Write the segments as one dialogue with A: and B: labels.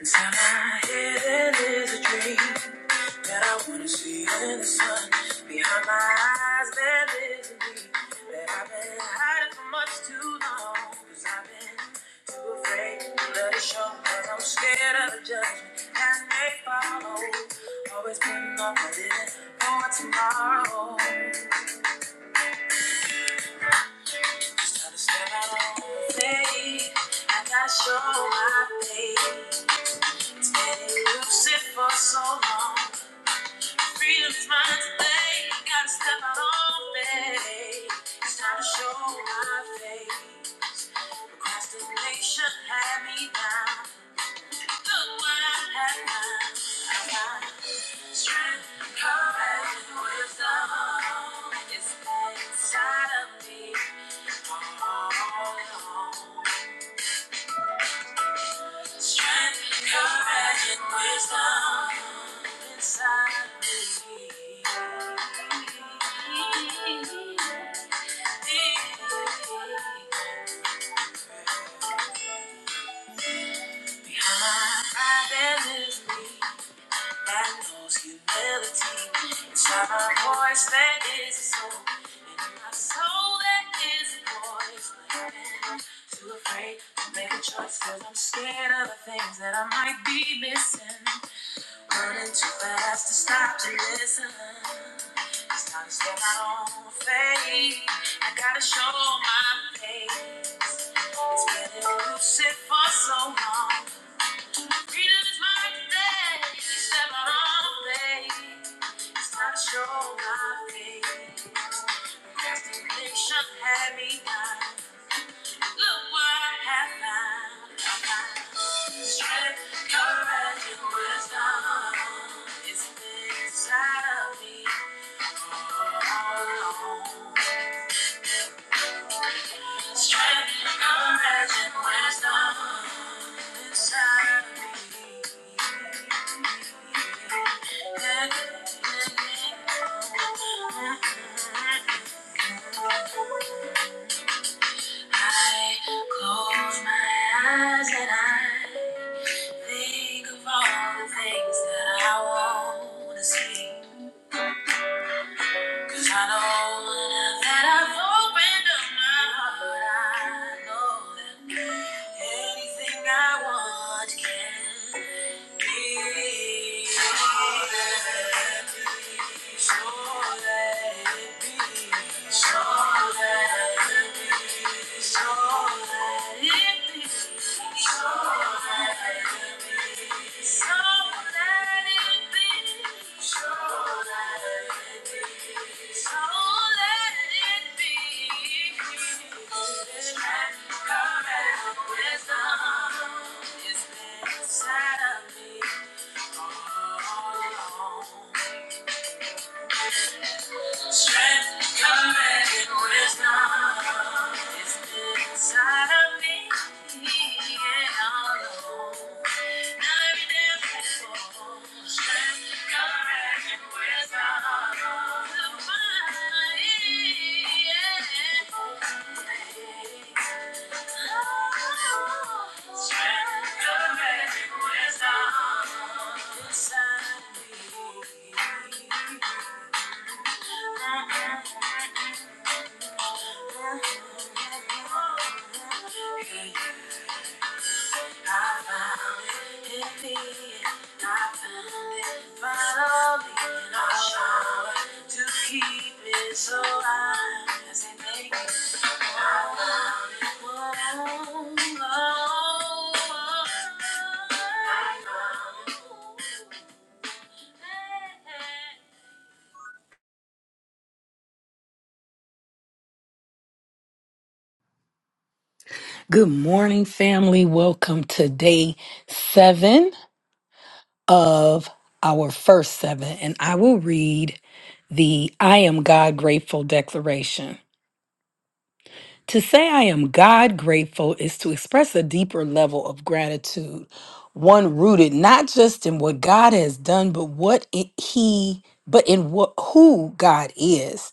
A: Inside my head there is a dream that I wanna see in the sun. Behind my eyes there is a need that I've been hiding for much too long. Cause I've been too afraid to let it show. Cause I'm scared of the judgment that may follow. Always putting off my living for tomorrow. Just try to step out on faith. I gotta show my faith. It's been elusive for so long. Freedom's mine today. Gotta step out on faith. It's time to show my face. Procrastination had me down. Look what I have done. I got strength, courage, and wisdom. It's inside of me. Oh, oh, oh. Strength, courage, and wisdom inside me. Behind that me. that knows humility. Inside my voice that is a soul. And in my soul that is a voice. But I'm too afraid to make a choice i I'm scared of the things that I might be missing. Running too fast to stop to listen. It's time to step out on faith. I gotta show my face. It's been elusive for so long. Freedom is my today. Step out on faith. It's time to show my face. Destination had me blind. Look what I have found. Strength, courage, and wisdom is inside of me. Strength, courage, and wisdom inside of me. I close my eyes and I. Think of all the things that I want to see. Cause I know now that I've opened up my heart. I know that anything I want can be. Sure that, sure that it be. Sure that, it be, sure that it be. Sure that. it be. Strength, command, wisdom is inside of me. Yeah, I'm Mm-hmm. so
B: Good morning, family. Welcome to day seven of our first seven, and I will read the I Am God Grateful Declaration. To say I am God grateful is to express a deeper level of gratitude, one rooted not just in what God has done, but what it, He, but in what who God is.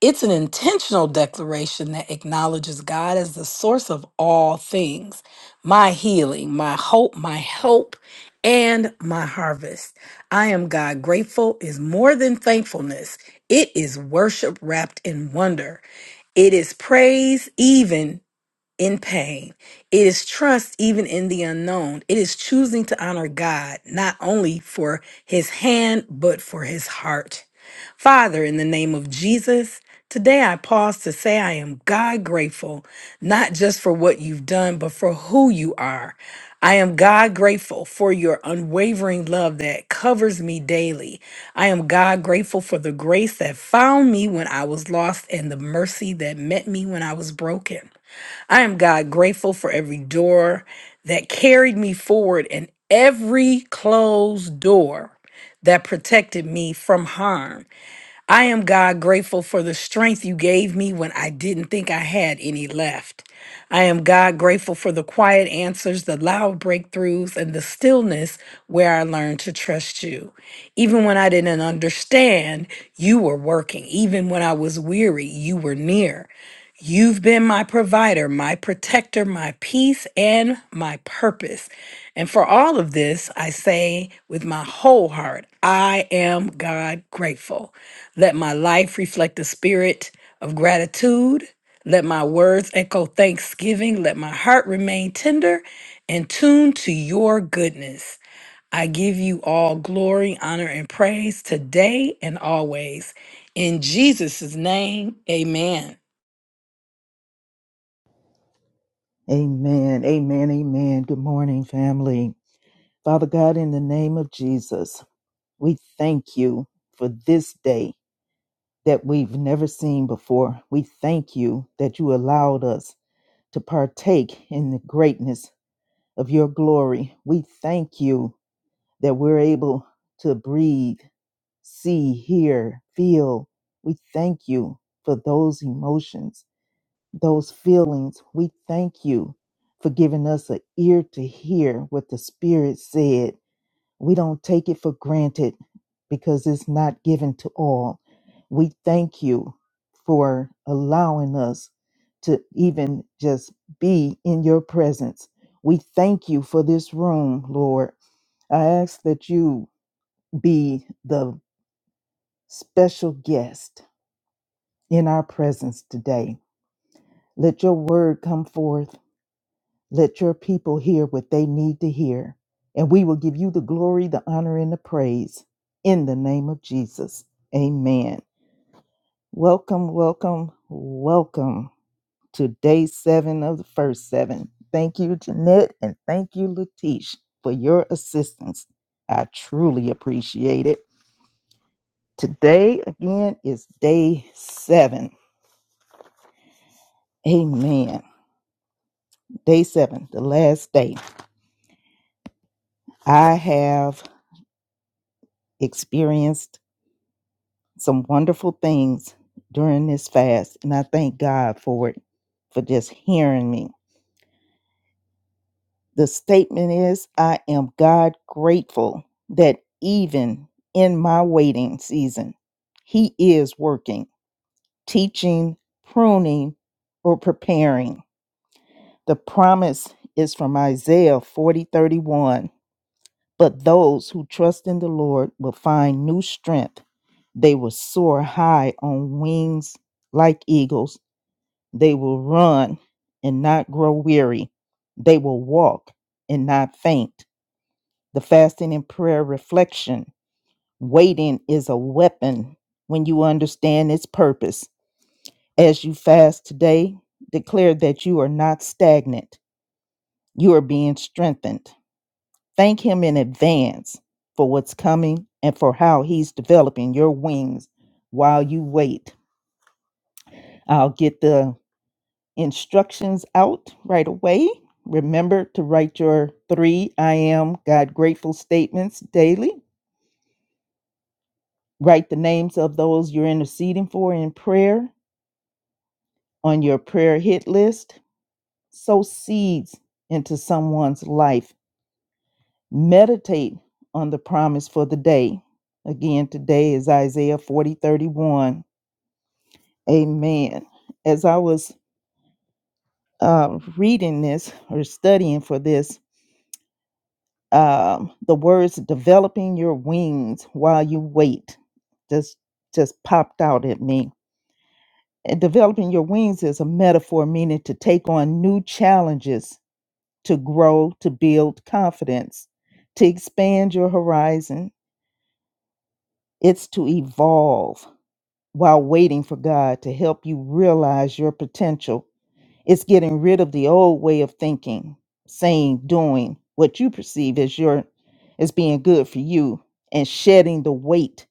B: It's an intentional declaration that acknowledges God as the source of all things my healing, my hope, my help, and my harvest. I am God grateful is more than thankfulness, it is worship wrapped in wonder. It is praise, even in pain. It is trust even in the unknown. It is choosing to honor God, not only for his hand, but for his heart. Father, in the name of Jesus, today I pause to say I am God grateful, not just for what you've done, but for who you are. I am God grateful for your unwavering love that covers me daily. I am God grateful for the grace that found me when I was lost and the mercy that met me when I was broken. I am God grateful for every door that carried me forward and every closed door that protected me from harm. I am God grateful for the strength you gave me when I didn't think I had any left. I am God grateful for the quiet answers, the loud breakthroughs, and the stillness where I learned to trust you. Even when I didn't understand, you were working. Even when I was weary, you were near. You've been my provider, my protector, my peace, and my purpose. And for all of this, I say with my whole heart, I am God grateful. Let my life reflect the spirit of gratitude. Let my words echo thanksgiving. Let my heart remain tender and tuned to your goodness. I give you all glory, honor, and praise today and always. In Jesus' name, amen.
C: Amen. Amen. Amen. Good morning, family. Father God, in the name of Jesus, we thank you for this day that we've never seen before. We thank you that you allowed us to partake in the greatness of your glory. We thank you that we're able to breathe, see, hear, feel. We thank you for those emotions those feelings. We thank you for giving us an ear to hear what the Spirit said. We don't take it for granted because it's not given to all. We thank you for allowing us to even just be in your presence. We thank you for this room, Lord. I ask that you be the special guest in our presence today. Let your word come forth Let your people hear what they need to hear, and we will give you the glory, the honor, and the praise in the name of Jesus. Amen. Welcome, welcome, welcome to day seven of the first seven. Thank you, Jeanette, and thank you, Latish, for your assistance. I truly appreciate it. Today, again, is day seven. Amen. Day seven, the last day. I have experienced some wonderful things during this fast, and I thank God for it, for just hearing me. The statement is I am God grateful that even in my waiting season, He is working, teaching, pruning, or preparing. The promise is from Isaiah 40 31. But those who trust in the Lord will find new strength. They will soar high on wings like eagles They will run and not grow weary. They will walk and not faint. The fasting and prayer reflection waiting is a weapon when you understand its purpose. As you fast today, declare that you are not stagnant, you are being strengthened. Thank Him in advance for what's coming and for how He's developing your wings while you wait. I'll get the instructions out right away. Remember to write your three I am God grateful statements daily. Write the names of those you're interceding for in prayer on your prayer hit list. Sow seeds into someone's life. Meditate on the promise for the day. Again, today is Isaiah 40 31. Amen. As I was uh, reading this or studying for this, um, the words developing your wings while you wait just just popped out at me and developing your wings is a metaphor meaning to take on new challenges to grow to build confidence to expand your horizon it's to evolve while waiting for god to help you realize your potential It's getting rid of the old way of thinking, saying, doing what you perceive as your as being good for you and shedding the weight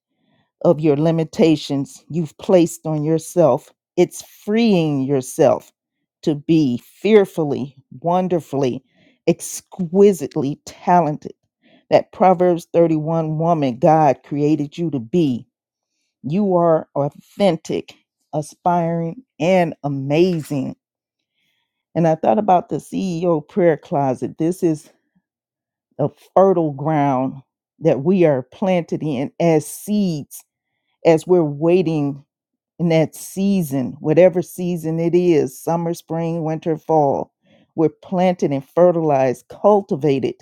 C: of your limitations you've placed on yourself. It's freeing yourself to be fearfully, wonderfully, exquisitely talented. That Proverbs 31 woman God created you to be. You are authentic, aspiring, and amazing and I thought about the CEO prayer closet. This is a fertile ground that we are planted in as seeds as we're waiting in that season, whatever season it is summer, spring, winter, fall. We're planted and fertilized, cultivated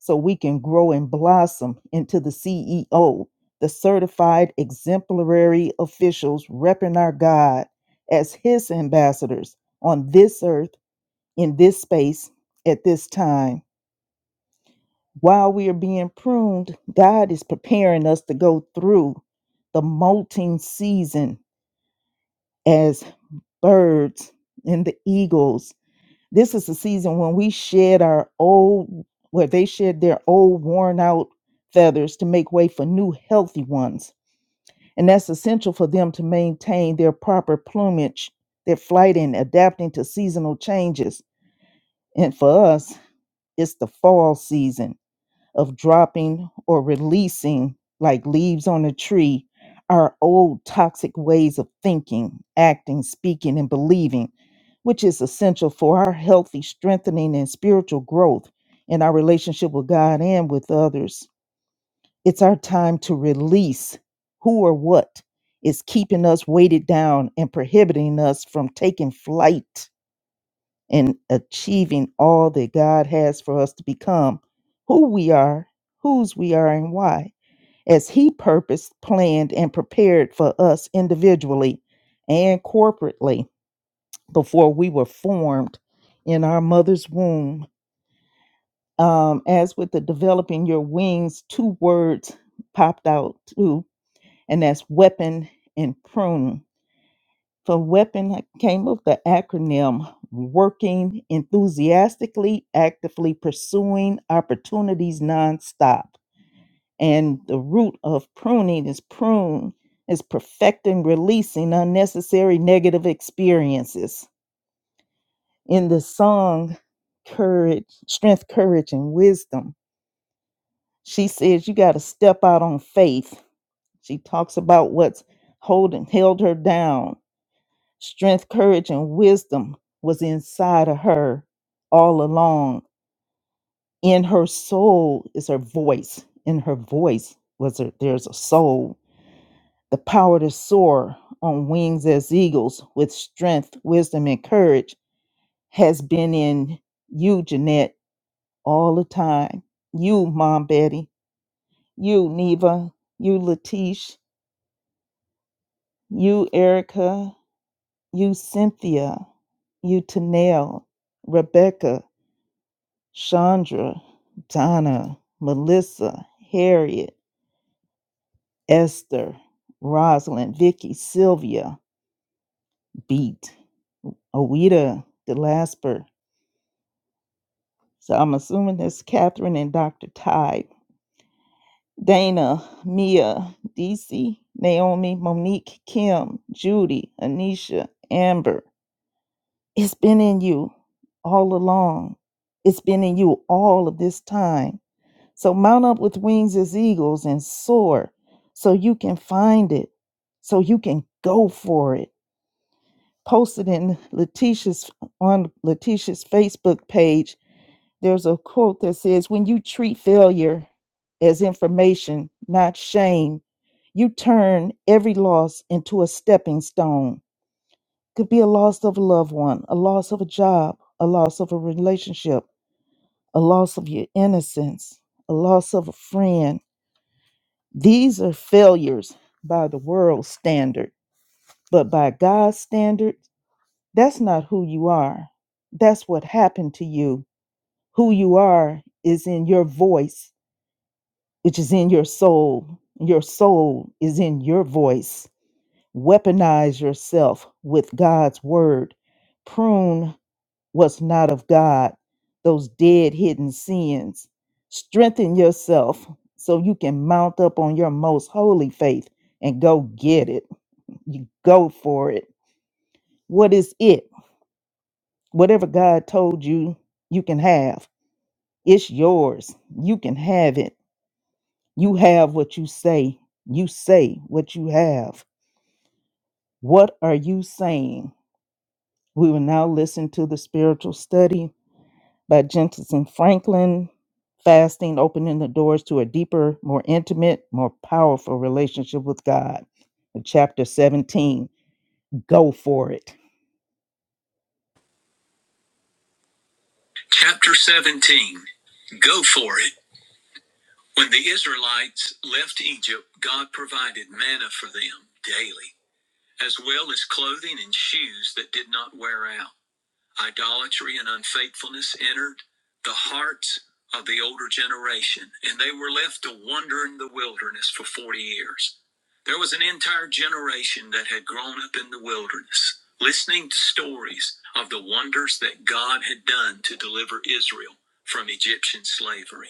C: so we can grow and blossom into the CEO, the certified exemplary officials repping our God as his ambassadors on this earth in this space at this time. While we are being pruned, God is preparing us to go through the molting season as birds and the eagles. This is the season when we shed our old, where they shed their old worn out feathers to make way for new healthy ones. And that's essential for them to maintain their proper plumage, their flight, and adapting to seasonal changes. And for us, it's the fall season of dropping or releasing, like leaves on a tree, our old toxic ways of thinking, acting, speaking, and believing, which is essential for our healthy strengthening and spiritual growth in our relationship with God and with others. It's our time to release who or what is keeping us weighted down and prohibiting us from taking flight in achieving all that God has for us to become who we are, whose we are, and why, as He purposed, planned, and prepared for us individually and corporately before we were formed in our mother's womb. Um, as with the developing your wings, two words popped out too, and that's weapon and pruning for weapon came up the acronym working enthusiastically actively pursuing opportunities nonstop and the root of pruning is prune is perfecting releasing unnecessary negative experiences in the song courage strength courage and wisdom she says you got to step out on faith she talks about what's holding held her down Strength, courage, and wisdom was inside of her all along. In her soul is her voice. In her voice was her, there's a soul. The power to soar on wings as eagles with strength, wisdom, and courage has been in you, Jeanette, all the time. You, Mom Betty. You, Neva. You, Latish. You, Erica. You, Cynthia. You, Tanel. Rebecca. Chandra, Donna, Melissa, Harriet, Esther, Rosalind, Vicky, Sylvia, Beat, Awita, Delasper. So I'm assuming that's Catherine and Dr. Tide. Dana, Mia, DC, Naomi, Monique, Kim, Judy, Anisha, Amber. It's been in you all along. It's been in you all of this time. So mount up with wings as eagles and soar so you can find it, so you can go for it. Posted in Letitia's on Letitia's Facebook page, there's a quote that says, When you treat failure as information, not shame, you turn every loss into a stepping stone. Could be a loss of a loved one, a loss of a job, a loss of a relationship, a loss of your innocence, a loss of a friend These are failures by the world's standard, but by God's standard, that's not who you are. That's what happened to you. Who you are is in your voice, which is in your soul. Your soul is in your voice. Weaponize yourself with God's word. Prune what's not of God, those dead hidden sins. Strengthen yourself so you can mount up on your most holy faith and go get it. You go for it. What is it? Whatever God told you, you can have. It's yours. You can have it. You have what you say. You say what you have. What are you saying? We will now listen to the spiritual study by Jensen Franklin. Fasting opening the doors to a deeper, more intimate, more powerful relationship with God. Chapter 17 Go for it.
A: Chapter 17 Go for it. When the Israelites left Egypt, God provided manna for them daily. as well as clothing and shoes that did not wear out. Idolatry and unfaithfulness entered the hearts of the older generation, and they were left to wander in the wilderness for 40 years. There was an entire generation that had grown up in the wilderness, listening to stories of the wonders that God had done to deliver Israel from Egyptian slavery.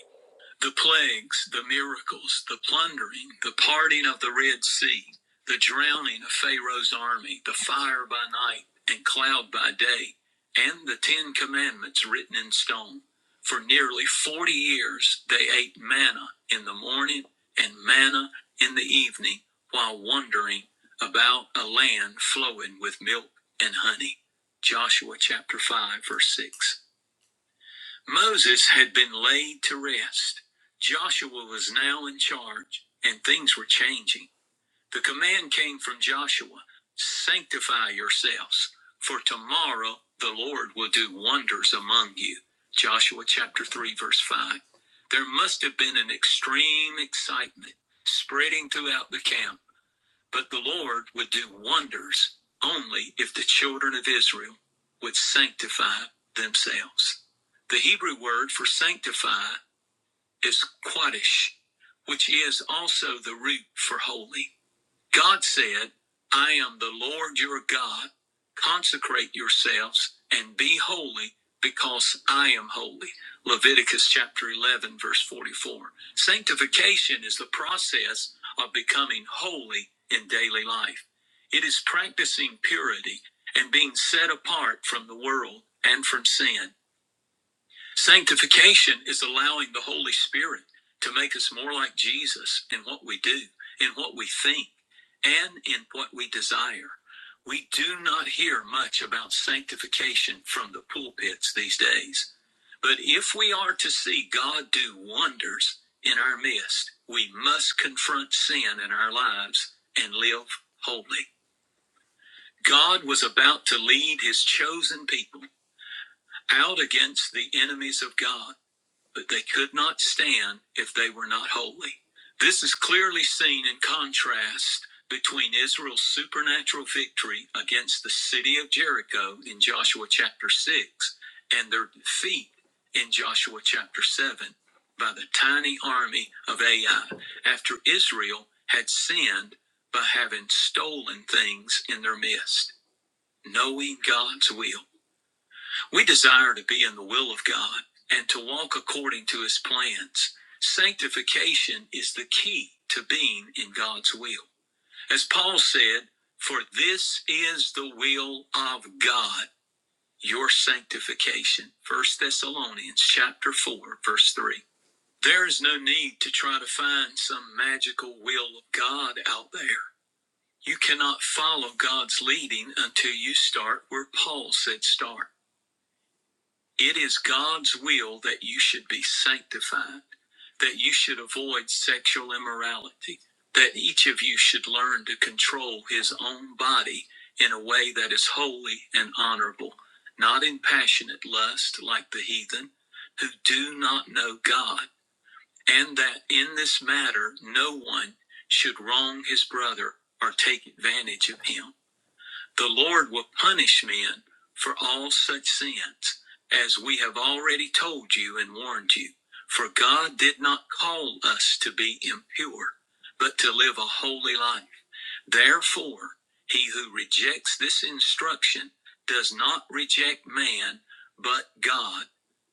A: The plagues, the miracles, the plundering, the parting of the Red Sea, the drowning of Pharaoh's army, the fire by night and cloud by day, and the Ten Commandments written in stone. For nearly 40 years they ate manna in the morning and manna in the evening while wandering about a land flowing with milk and honey. Joshua chapter 5, verse 6. Moses had been laid to rest. Joshua was now in charge, and things were changing. The command came from Joshua Sanctify yourselves, for tomorrow the Lord will do wonders among you. Joshua chapter 3, verse 5. There must have been an extreme excitement spreading throughout the camp. But the Lord would do wonders only if the children of Israel would sanctify themselves. The Hebrew word for sanctify is quadish, which is also the root for holy. God said, I am the Lord your God. Consecrate yourselves and be holy because I am holy. Leviticus chapter 11, verse 44. Sanctification is the process of becoming holy in daily life. It is practicing purity and being set apart from the world and from sin. Sanctification is allowing the Holy Spirit to make us more like Jesus in what we do, in what we think, and in what we desire. We do not hear much about sanctification from the pulpits these days. But if we are to see God do wonders in our midst, we must confront sin in our lives and live holy. God was about to lead his chosen people out against the enemies of God but they could not stand if they were not holy. This is clearly seen in contrast between Israel's supernatural victory against the city of Jericho in Joshua chapter 6 and their defeat in Joshua chapter 7 by the tiny army of Ai after Israel had sinned by having stolen things in their midst. Knowing God's will. We desire to be in the will of God and to walk according to his plans. Sanctification is the key to being in God's will. As Paul said, for this is the will of God, your sanctification. First Thessalonians chapter 4 verse 3. There is no need to try to find some magical will of God out there. You cannot follow God's leading until you start where Paul said start. It is God's will that you should be sanctified, that you should avoid sexual immorality, that each of you should learn to control his own body in a way that is holy and honorable, not in passionate lust like the heathen who do not know God, and that in this matter no one should wrong his brother or take advantage of him. The Lord will punish men for all such sins, as we have already told you and warned you. For God did not call us to be impure, but to live a holy life. Therefore, he who rejects this instruction does not reject man, but God,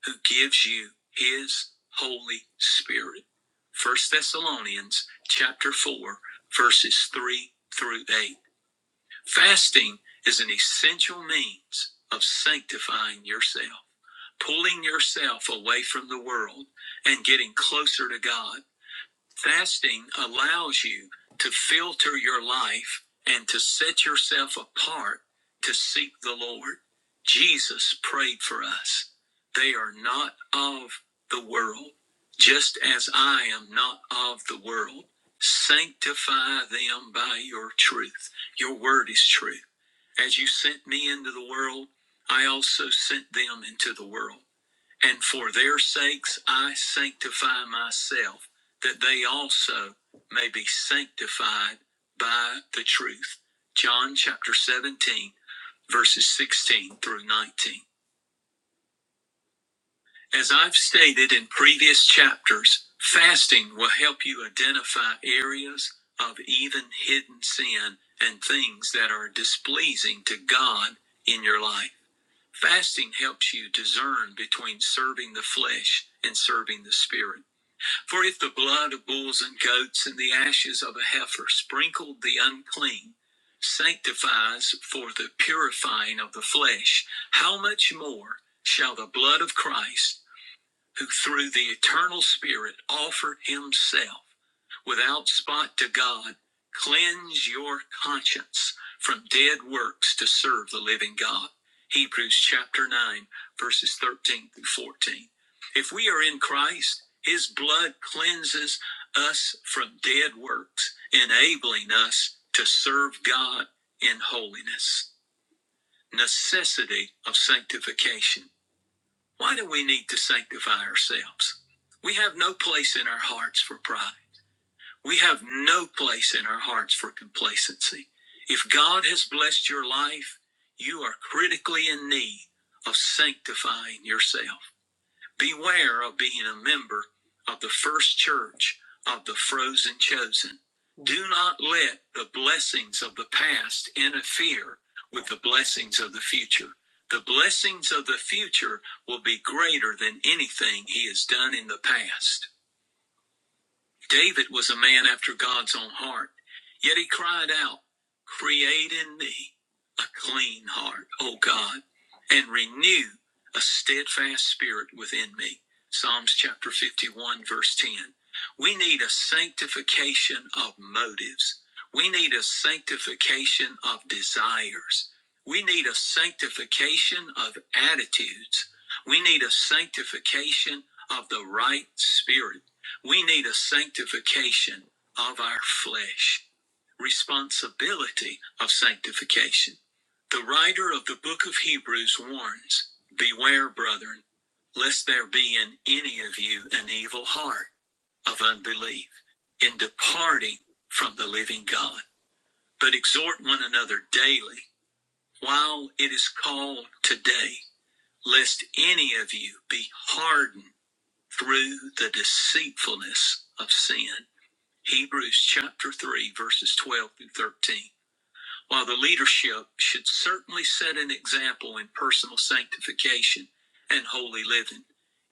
A: who gives you his Holy Spirit. First Thessalonians chapter 4 verses 3 through 8. Fasting is an essential means of sanctifying yourself, pulling yourself away from the world and getting closer to God. Fasting allows you to filter your life and to set yourself apart to seek the Lord. Jesus prayed for us. They are not of the world, just as I am not of the world. Sanctify them by your truth. Your word is truth. As you sent me into the world, I also sent them into the world. And for their sakes I sanctify myself, that they also may be sanctified by the truth. John chapter 17, verses 16 through 19. As I've stated in previous chapters, fasting will help you identify areas of even hidden sin and things that are displeasing to God in your life. Fasting helps you discern between serving the flesh and serving the spirit. For if the blood of bulls and goats and the ashes of a heifer sprinkled the unclean sanctifies for the purifying of the flesh, how much more shall the blood of Christ, who through the eternal Spirit offered himself? without spot to God, cleanse your conscience from dead works to serve the living God. Hebrews chapter 9, verses 13 through 14. If we are in Christ, his blood cleanses us from dead works, enabling us to serve God in holiness. Necessity of sanctification. Why do we need to sanctify ourselves? We have no place in our hearts for pride. We have no place in our hearts for complacency. If God has blessed your life, you are critically in need of sanctifying yourself. Beware of being a member of the first church of the frozen chosen. Do not let the blessings of the past interfere with the blessings of the future. The blessings of the future will be greater than anything he has done in the past. David was a man after God's own heart, yet he cried out, Create in me a clean heart, O God, and renew a steadfast spirit within me. Psalms chapter 51, verse 10. We need a sanctification of motives. We need a sanctification of desires. We need a sanctification of attitudes. We need a sanctification of the right spirit. We need a sanctification of our flesh, responsibility of sanctification. The writer of the book of Hebrews warns Beware, brethren, lest there be in any of you an evil heart of unbelief in departing from the living God. But exhort one another daily while it is called today, lest any of you be hardened through the deceitfulness of sin. Hebrews chapter 3, verses 12 through 13. While the leadership should certainly set an example in personal sanctification and holy living,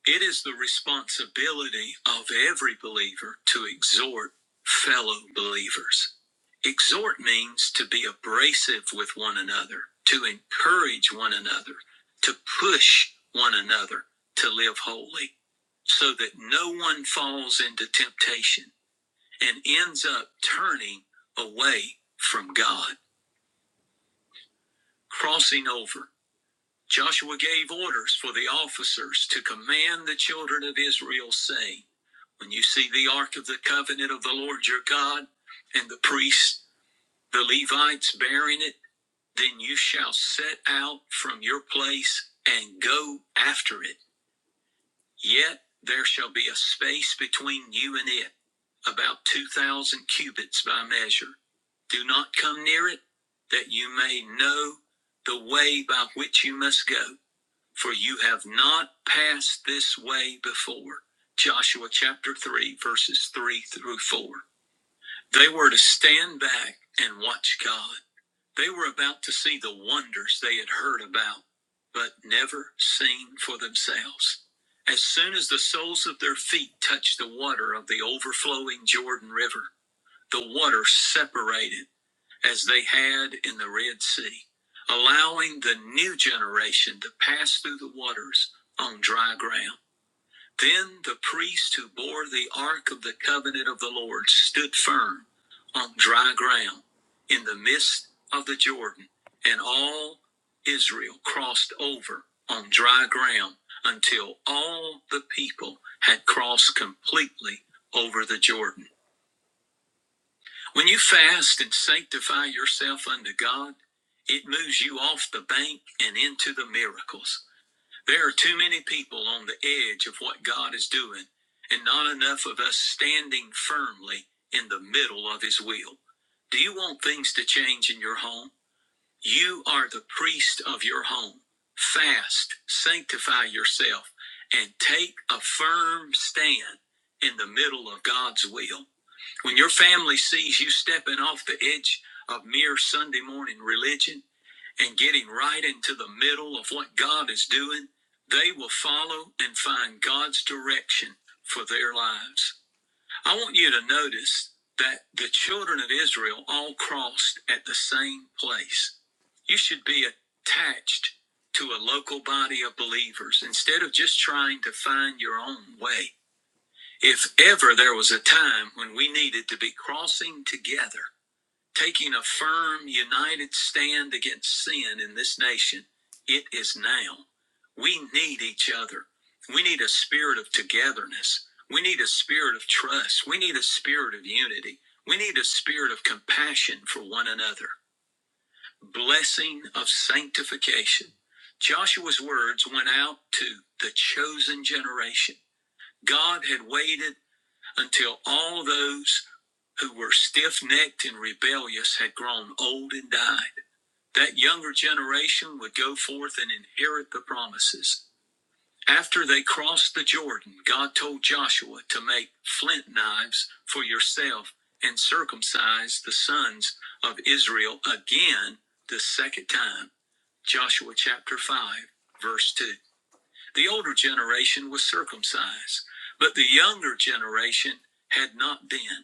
A: it is the responsibility of every believer to exhort fellow believers. Exhort means to be abrasive with one another, to encourage one another, to push one another to live holy, so that no one falls into temptation and ends up turning away from God, crossing over. Joshua gave orders for the officers to command the children of Israel, saying, When you see the ark of the covenant of the Lord your God, and the priests, the Levites bearing it, then you shall set out from your place and go after it Yet there shall be a space between you and it, about two thousand cubits by measure. Do not come near it, that you may know the way by which you must go, for you have not passed this way before. Joshua chapter 3, verses 3 through 4. They were to stand back and watch God. They were about to see the wonders they had heard about, but never seen for themselves. As soon as the soles of their feet touched the water of the overflowing Jordan River, the water separated as they had in the Red Sea, allowing the new generation to pass through the waters on dry ground. Then the priest who bore the ark of the covenant of the Lord stood firm on dry ground in the midst of the Jordan, and all Israel crossed over on dry ground until all the people had crossed completely over the Jordan. When you fast and sanctify yourself unto God, it moves you off the bank and into the miracles. There are too many people on the edge of what God is doing, and not enough of us standing firmly in the middle of His will. Do you want things to change in your home? You are the priest of your home. Fast, sanctify yourself, and take a firm stand in the middle of God's will. When your family sees you stepping off the edge of mere Sunday morning religion, and getting right into the middle of what God is doing, they will follow and find God's direction for their lives. I want you to notice that the children of Israel all crossed at the same place. You should be attached to a local body of believers instead of just trying to find your own way. If ever there was a time when we needed to be crossing together, taking a firm, united stand against sin in this nation. It is now. We need each other. We need a spirit of togetherness. We need a spirit of trust. We need a spirit of unity. We need a spirit of compassion for one another. Blessing of sanctification. Joshua's words went out to the chosen generation. God had waited until all those who were stiff necked and rebellious had grown old and died. That younger generation would go forth and inherit the promises. After they crossed the Jordan, God told Joshua to make flint knives for yourself and circumcise the sons of Israel again the second time. Joshua chapter 5, verse 2. The older generation was circumcised, but the younger generation had not been.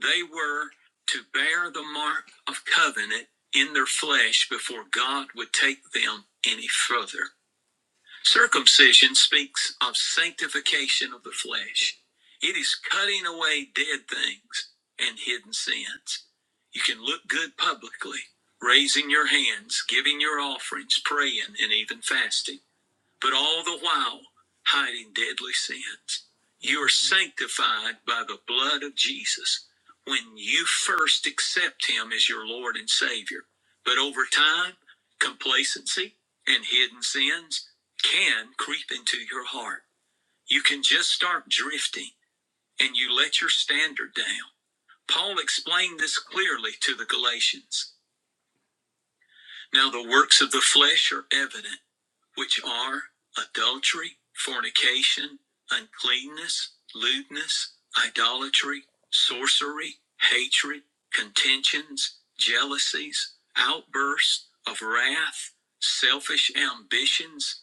A: They were to bear the mark of covenant in their flesh before God would take them any further. Circumcision speaks of sanctification of the flesh. It is cutting away dead things and hidden sins. You can look good publicly, raising your hands, giving your offerings, praying, and even fasting but all the while hiding deadly sins. You are sanctified by the blood of Jesus when you first accept Him as your Lord and Savior. But over time, complacency and hidden sins can creep into your heart. You can just start drifting and you let your standard down. Paul explained this clearly to the Galatians. Now, the works of the flesh are evident which are adultery, fornication, uncleanness, lewdness, idolatry, sorcery, hatred, contentions, jealousies, outbursts of wrath, selfish ambitions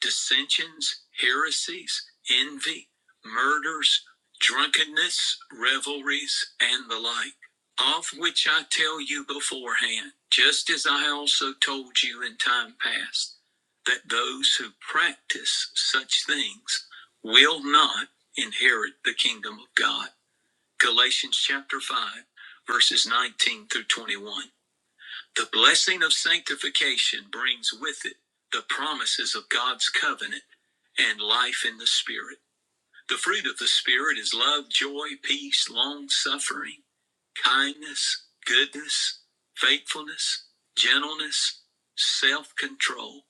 A: dissensions, heresies, envy, murders, drunkenness, revelries, and the like, of which I tell you beforehand, just as I also told you in time past, that those who practice such things will not inherit the kingdom of God. Galatians chapter 5, verses 19 through 21. The blessing of sanctification brings with it the promises of God's covenant and life in the Spirit. The fruit of the Spirit is love, joy, peace, long suffering, kindness, goodness, faithfulness, gentleness, self control.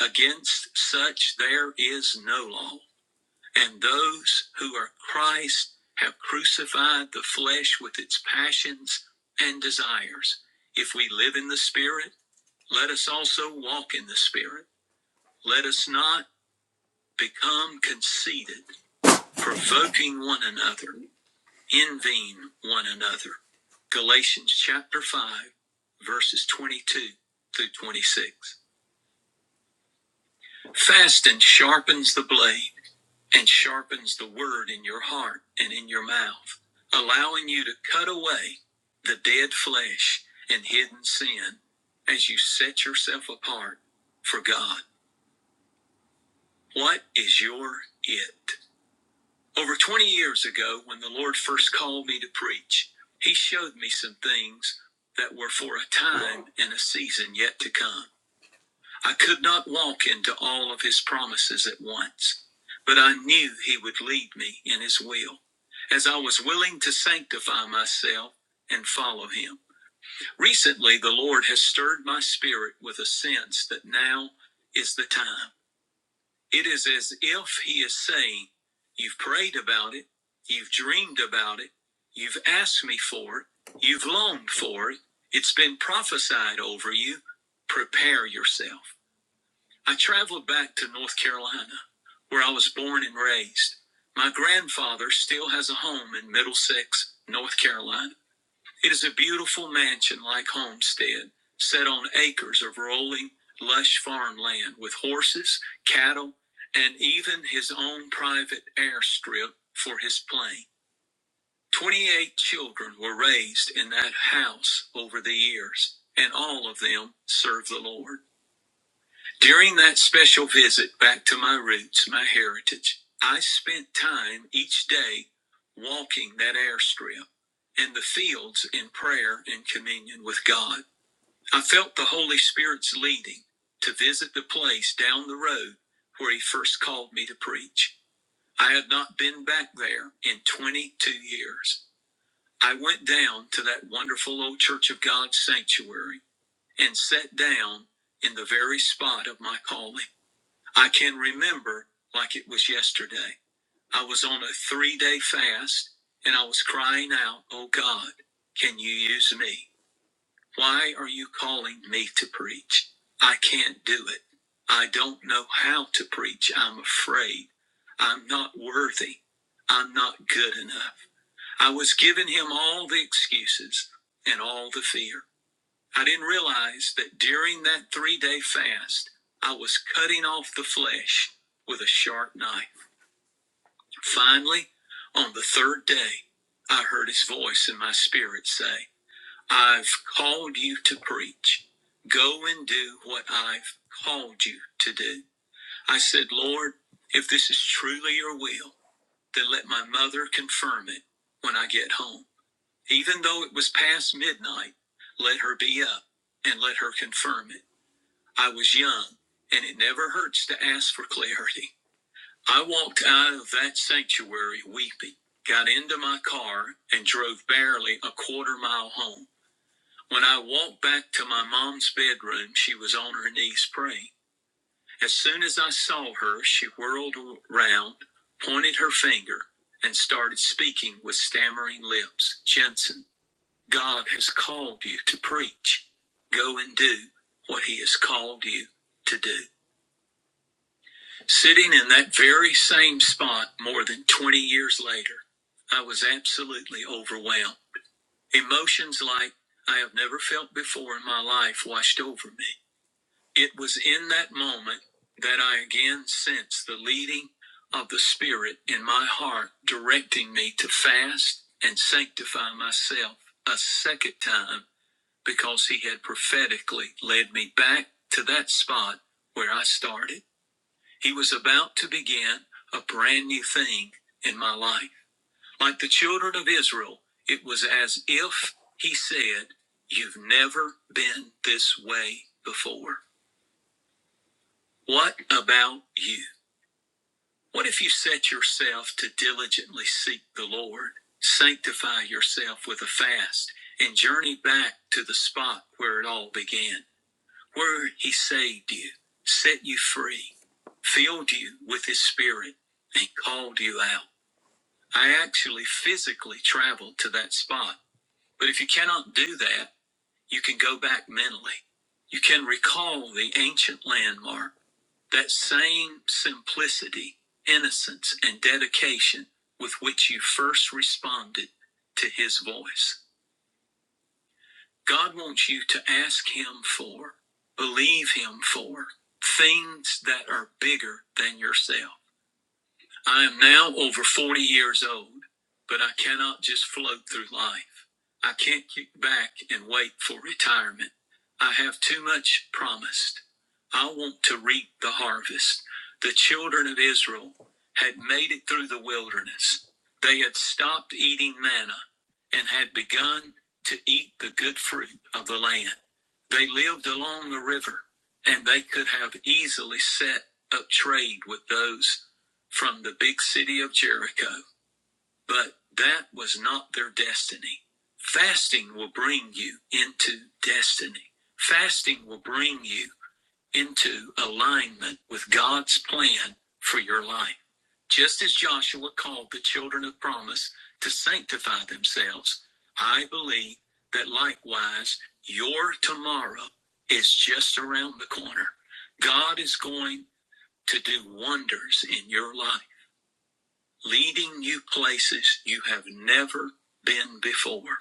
A: Against such there is no law. And those who are Christ have crucified the flesh with its passions and desires. If we live in the Spirit, let us also walk in the Spirit. Let us not become conceited, provoking one another, envying one another. Galatians chapter 5, verses 22 through 26. Fast and sharpens the blade, and sharpens the word in your heart and in your mouth, allowing you to cut away the dead flesh and hidden sin as you set yourself apart for God. What is your it? Over 20 years ago, when the Lord first called me to preach, He showed me some things that were for a time and a season yet to come. I could not walk into all of His promises at once, but I knew He would lead me in His will, as I was willing to sanctify myself and follow Him. Recently, the Lord has stirred my spirit with a sense that now is the time. It is as if he is saying, You've prayed about it, you've dreamed about it, you've asked me for it, you've longed for it, it's been prophesied over you. Prepare yourself. I traveled back to North Carolina, where I was born and raised. My grandfather still has a home in Middlesex, North Carolina. It is a beautiful mansion like homestead, set on acres of rolling, lush farmland with horses, cattle, and even his own private airstrip for his plane. 28 children were raised in that house over the years, and all of them serve the Lord. During that special visit back to my roots, my heritage, I spent time each day walking that airstrip and the fields in prayer and communion with God. I felt the Holy Spirit's leading to visit the place down the road where He first called me to preach. I had not been back there in 22 years. I went down to that wonderful old Church of God sanctuary and sat down in the very spot of my calling. I can remember like it was yesterday. I was on a three day fast and I was crying out, Oh God, can you use me? Why are you calling me to preach? I can't do it. I don't know how to preach. I'm afraid. I'm not worthy. I'm not good enough. I was giving him all the excuses and all the fear. I didn't realize that during that three day fast, I was cutting off the flesh with a sharp knife. Finally, on the third day, I heard his voice in my spirit say, I've called you to preach. Go and do what I've called you to do. I said, Lord, if this is truly your will, then let my mother confirm it when I get home. Even though it was past midnight, let her be up and let her confirm it. I was young, and it never hurts to ask for clarity. I walked out of that sanctuary weeping, got into my car, and drove barely a quarter mile home. When I walked back to my mom's bedroom, she was on her knees praying. As soon as I saw her, she whirled around, pointed her finger, and started speaking with stammering lips. Jensen, God has called you to preach. Go and do what he has called you to do. Sitting in that very same spot more than 20 years later, I was absolutely overwhelmed. Emotions like I have never felt before in my life washed over me. It was in that moment that I again sensed the leading of the Spirit in my heart, directing me to fast and sanctify myself a second time because He had prophetically led me back to that spot where I started. He was about to begin a brand new thing in my life. Like the children of Israel, it was as if he said, You've never been this way before. What about you? What if you set yourself to diligently seek the Lord, sanctify yourself with a fast, and journey back to the spot where it all began, where he saved you, set you free, filled you with his spirit, and called you out? I actually physically traveled to that spot. But if you cannot do that, you can go back mentally. You can recall the ancient landmark, that same simplicity, innocence, and dedication with which you first responded to his voice. God wants you to ask him for, believe him for, things that are bigger than yourself. I am now over 40 years old, but I cannot just float through life. I can't kick back and wait for retirement. I have too much promised. I want to reap the harvest. The children of Israel had made it through the wilderness. They had stopped eating manna and had begun to eat the good fruit of the land. They lived along the river and they could have easily set up trade with those from the big city of Jericho. But that was not their destiny. Fasting will bring you into destiny. Fasting will bring you into alignment with God's plan for your life. Just as Joshua called the children of promise to sanctify themselves, I believe that likewise your tomorrow is just around the corner. God is going to do wonders in your life leading you places you have never been before.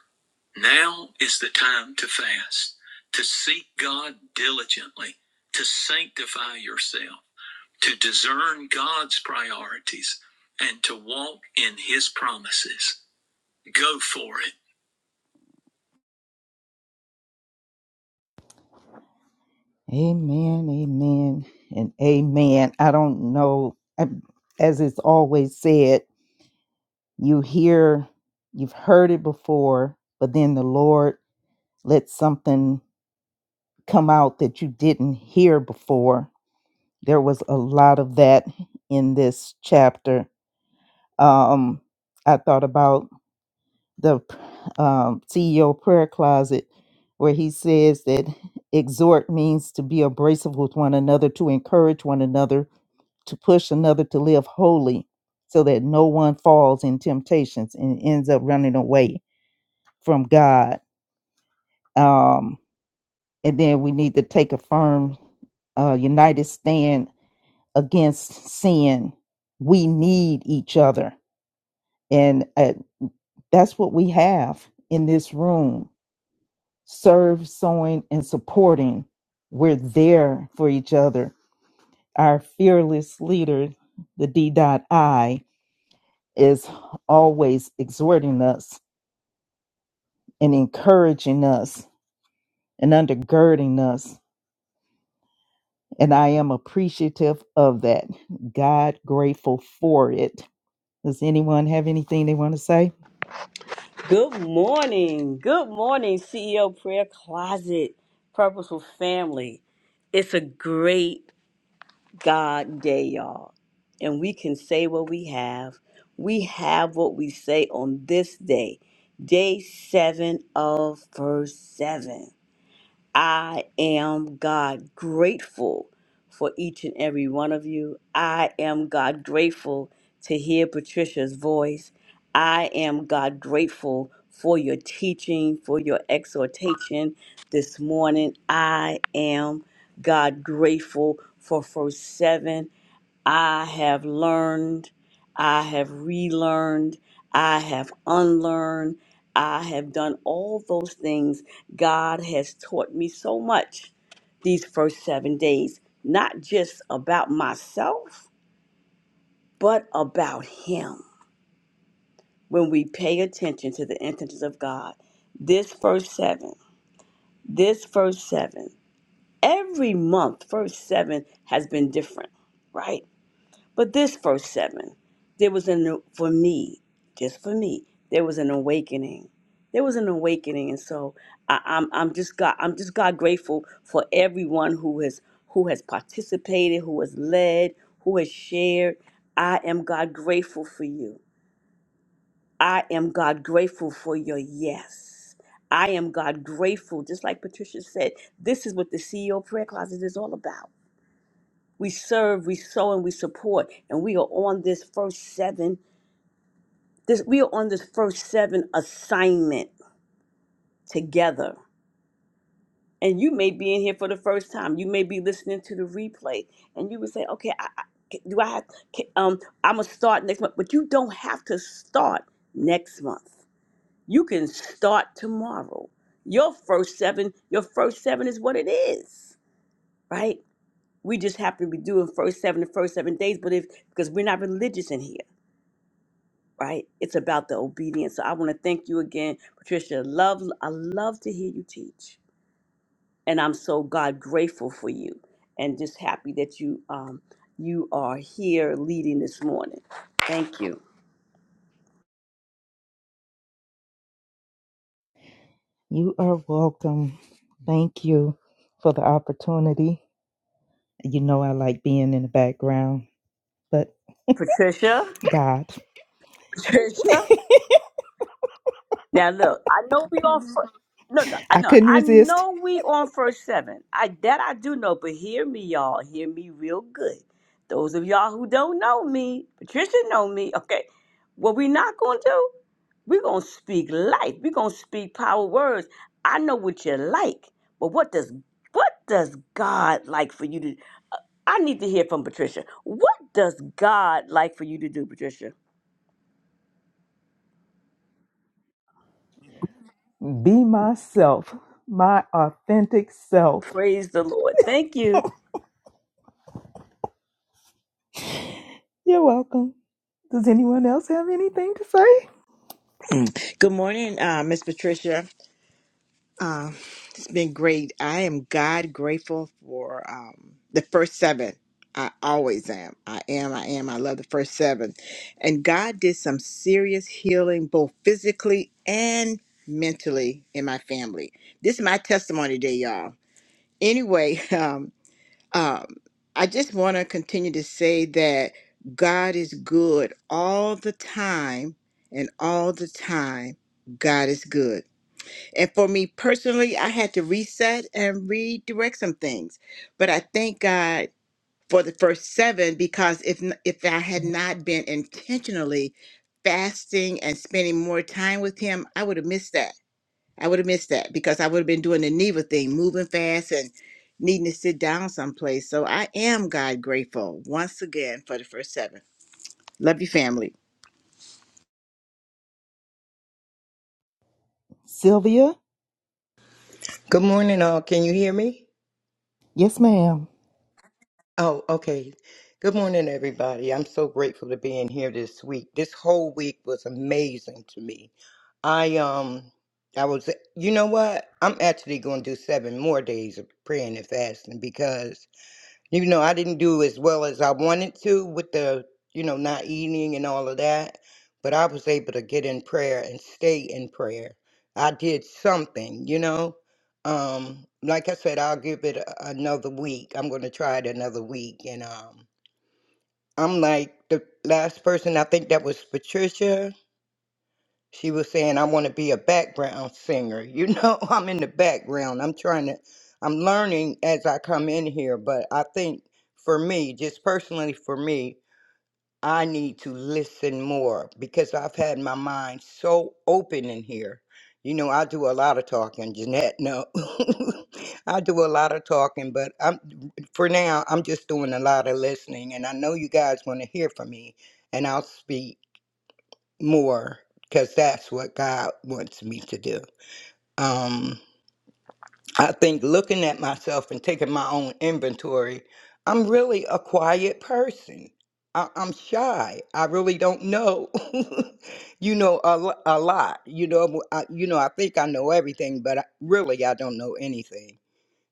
A: Now is the time to fast, to seek God diligently, to sanctify yourself, to discern God's priorities, and to walk in His promises. Go for it.
C: Amen, amen, and amen. I don't know, as it's always said, you hear, you've heard it before, but then the Lord lets something come out that you didn't hear before. There was a lot of that in this chapter. Um, I thought about the um, CEO prayer closet where he says that exhort means to be abrasive with one another, to encourage one another, to push another to live holy so that no one falls in temptations and ends up running away from God. Um, and then we need to take a firm, uh, united stand against sin. We need each other. And uh, that's what we have in this room serve, sewing, and supporting. We're there for each other. Our fearless leader, the D.I, is always exhorting us and encouraging us and undergirding us. And I am appreciative of that. God grateful for it. Does anyone have anything they want to say?
D: Good morning. Good morning, CEO Prayer Closet, Purposeful Family. It's a great God day, y'all. And we can say what we have. We have what we say on this day, day seven of verse seven. I am God grateful for each and every one of you. I am God grateful to hear Patricia's voice. I am God grateful for your teaching, for your exhortation this morning. I am God grateful for first seven. I have learned, I have relearned, I have unlearned, I have done all those things. God has taught me so much these first seven days, not just about myself, but about Him. When we pay attention to the intentions of God, this first seven, this first seven, every month, first seven has been different, right? But this verse 7, there was an, for me, just for me, there was an awakening. There was an awakening. And so I, I'm, I'm just God, I'm just God grateful for everyone who has, who has participated, who has led, who has shared. I am God grateful for you. I am God grateful for your yes. I am God grateful. Just like Patricia said, this is what the CEO prayer closet is all about. We serve, we sow, and we support. And we are on this first seven. This we are on this first seven assignment together. And you may be in here for the first time. You may be listening to the replay, and you would say, "Okay, I, I, do I have? ca- Um, I'm gonna start next month." But you don't have to start next month. You can start tomorrow. Your first seven, your first seven is what it is, right? We just happen to be doing first seven the first seven days, but if because we're not religious in here. right? It's about the obedience. So I want to thank you again, Patricia. Love, I love to hear you teach, and I'm so God grateful for you, and just happy that you um you are here leading this morning. Thank you,
C: You are welcome. Thank you for the opportunity. You know, I like being in the background, but
D: Patricia.
C: God,
D: Patricia. Now look, I know we on fir- no no I
C: I
D: know
C: couldn't
D: I
C: resist.
D: know we on first seven. I that I do know, but hear me, y'all. Hear me real good. Those of y'all who don't know me, Patricia know me. Okay, what we not gonna do? We're going to speak life. We're going to speak power words. I know what you like, but what does what does God like for you to I need to hear from Patricia. What does God like for you to do, Patricia?
C: Be myself, my authentic self.
D: Praise the Lord. Thank you.
C: You're welcome. Does anyone else have anything to say?
E: Good morning, uh, Miss Patricia. Uh, it's been great. I am God grateful for um, the first seven. I always am. I am. I am. I love the first seven. And God did some serious healing, both physically and mentally, in my family. This is my testimony today, y'all. Anyway, um, um, I just want to continue to say that God is good all the time, and all the time, God is good. And for me personally, I had to reset and redirect some things. But I thank God for the first seven because if n- if I had not been intentionally fasting and spending more time with Him, I would have missed that. I would have missed that because I would have been doing the Neva thing, moving fast and needing to sit down someplace. So I am God grateful once again for the first seven. Love you, family.
C: Sylvia?
F: Good morning, all. Can you hear me?
C: Yes, ma'am.
F: Oh, okay. Good morning, everybody. I'm so grateful to be in here this week. This whole week was amazing to me. I um, I was. You know what? I'm actually going to do seven more days of praying and fasting because you know, I didn't do as well as I wanted to with the, you know, not eating and all of that, but I was able to get in prayer and stay in prayer. I did something, you know. Um, like I said, I'll give it a, another week. I'm going to try it another week. And um, I'm like the last person, I think that was Patricia she was saying I want to be a background singer. You know, I'm in the background. I'm trying to I'm learning as I come in here, but I think for me, just personally for me, I need to listen more because I've had my mind so open in here. You know, I do a lot of talking, Jeanette. No, I do a lot of talking, but I'm for now. I'm just doing a lot of listening, and I know you guys want to hear from me, and I'll speak more because that's what God wants me to do. Um, I think looking at myself and taking my own inventory, I'm really a quiet person. I, I'm shy. I really don't know, you know, a, lo- a lot. You know, I, you know, I think I know everything, but I, really I don't know anything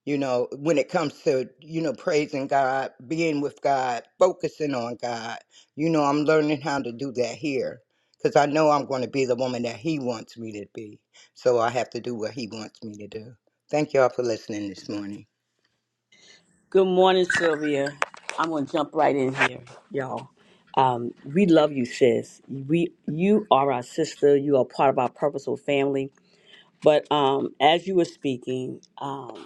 F: you know, when it comes to, you know, praising God, being with God, focusing on God. You know, I'm learning how to do that here because I know I'm going to be the woman that He wants me to be. So I have to do what He wants me to do. Thank y'all for listening this morning.
D: Good morning, Sylvia. I'm going to jump right in here, y'all. Um, we love you, sis. We you are our sister. You are part of our purposeful family. But um, as you were speaking, um,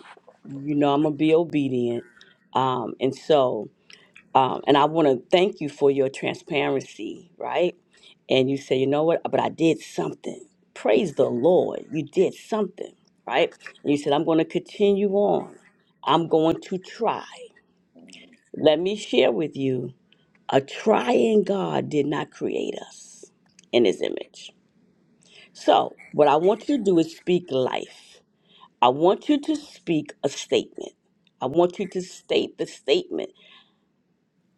D: you know i'm gonna be obedient um and so um and i want to thank you for your transparency right and you say you know what but i did something praise the lord you did something right and you said i'm going to continue on i'm going to try let me share with you a trying god did not create us in his image so what i want you to do is speak life I want you to speak a statement. I want you to state the statement.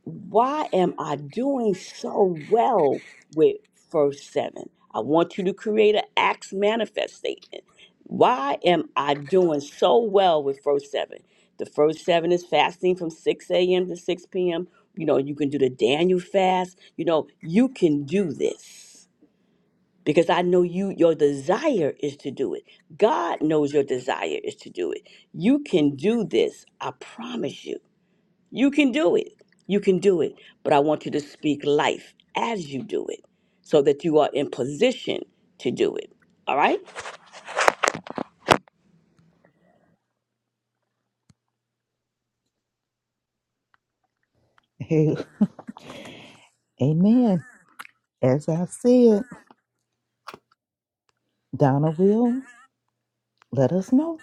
D: Why am I doing so well with verse 7? I want you to create an Acts manifest statement. Why am I doing so well with verse 7? The first seven is fasting from 6 a.m. to 6 p.m. You know, you can do the Daniel fast. You know, you can do this because I know you your desire is to do it. God knows your desire is to do it. You can do this. I promise you. You can do it. You can do it. But I want you to speak life as you do it so that you are in position to do it. All right?
C: Amen. As I said, Donna will let us know.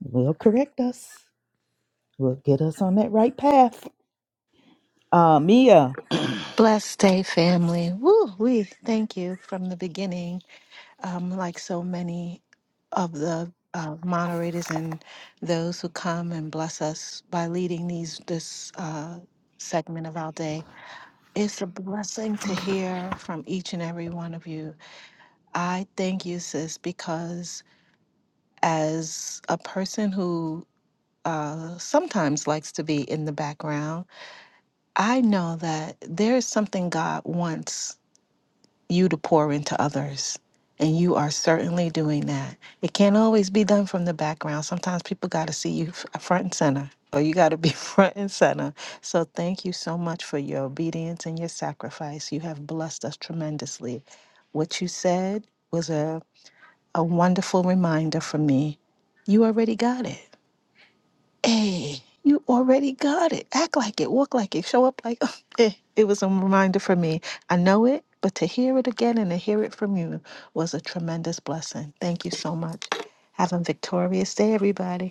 C: Will correct us. Will get us on that right path. Uh, Mia,
G: Blessed day, family. Woo, we thank you from the beginning. Um, like so many of the uh, moderators and those who come and bless us by leading these this uh, segment of our day, it's a blessing to hear from each and every one of you. I thank you, sis, because as a person who uh, sometimes likes to be in the background, I know that there is something God wants you to pour into others. And you are certainly doing that. It can't always be done from the background. Sometimes people got to see you f- uh, front and center, or you got to be front and center. So thank you so much for your obedience and your sacrifice. You have blessed us tremendously. What you said was a, a wonderful reminder for me. You already got it. Hey, you already got it. Act like it, walk like it, show up like eh. It was a reminder for me. I know it, but to hear it again and to hear it from you was a tremendous blessing. Thank you so much. Have a victorious day, everybody.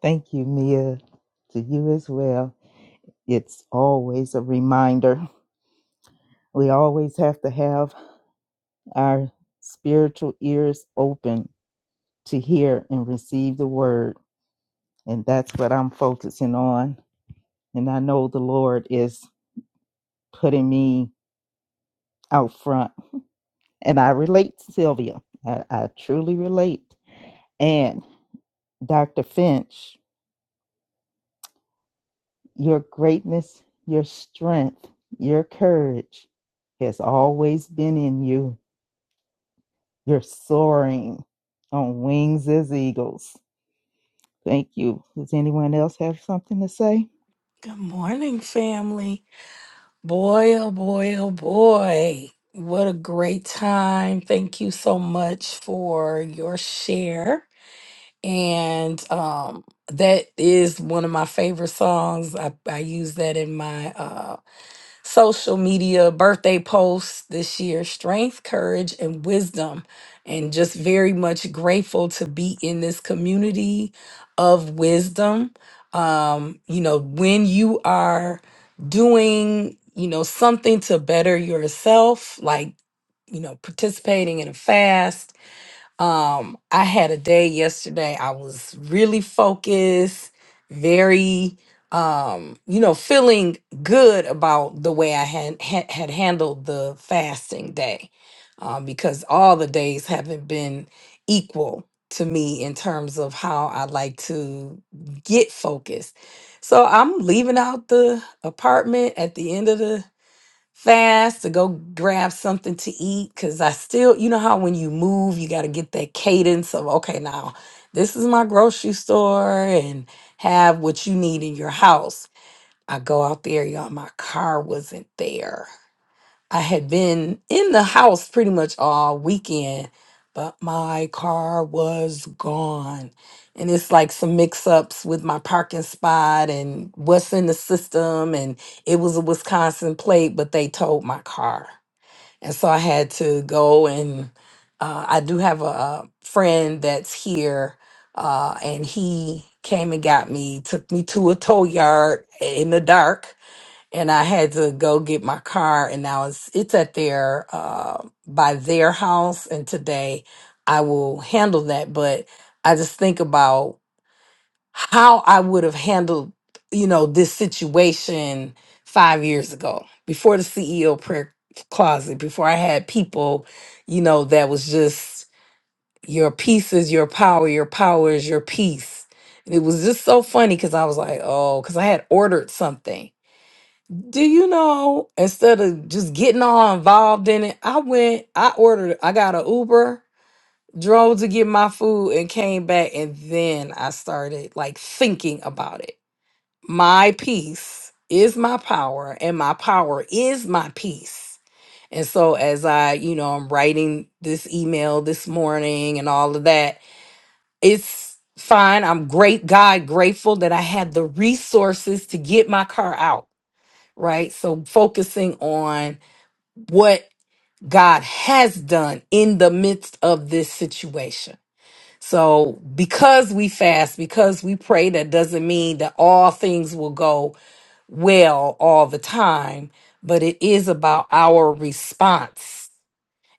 C: thank you, Mia, to you as well. It's always a reminder. We always have to have our spiritual ears open to hear and receive the word. And that's what I'm focusing on. And I know the Lord is putting me out front And I relate, Sylvia. I, I truly relate. And Dr. Finch, your greatness, your strength, your courage has always been in you. You're soaring on wings as eagles. Thank you. Does anyone else have something to say?
B: Good morning, family. Boy, oh boy, oh boy. What a great time. Thank you so much for your share. and um that is one of my favorite songs i, I use that in my uh social media birthday posts this year strength courage and wisdom and just very much grateful to be in this community of wisdom um you know when you are doing you know something to better yourself like you know participating in a fast um, I had a day yesterday. I was really focused, very, um, you know, feeling good about the way I had had, had handled the fasting day, um, because all the days haven't been equal to me in terms of how I like to get focused. So I'm leaving out the apartment at the end of the fast to go grab something to eat because I still, you know how when you move, you got to get that cadence of, okay, now this is my grocery store and have what you need in your house. I go out there, y'all, my car wasn't there. I had been in the house pretty much all weekend, but my car was gone. And it's like some mix ups with my parking spot and what's in the system. And it was a Wisconsin plate, but they towed my car. And so I had to go and uh, I do have a, a friend that's here, uh, and he came and got me, took me to a tow yard in the dark and I had to go get my car, and I was it's at their uh, by their house, and today I will handle that. But I just think about how I would have handled, you know, this situation five years ago before the CEO prayer closet, before I had people, you know, that was just your peace is your power, your power is your peace. And it was just so funny because I was like, oh, because I had ordered something do you know, instead of just getting all involved in it, I went, I ordered, I got an Uber, drove to get my food and came back. And then I started like thinking about it. My peace is my power, and my power is my peace. And so, as I, you know, I'm writing this email this morning and all of that, it's fine. I'm great, God, grateful that I had the resources to get my car out right? So focusing on what God has done in the midst of this situation. So, because we fast, because we pray, that doesn't mean that all things will go well all the time, but it is about our response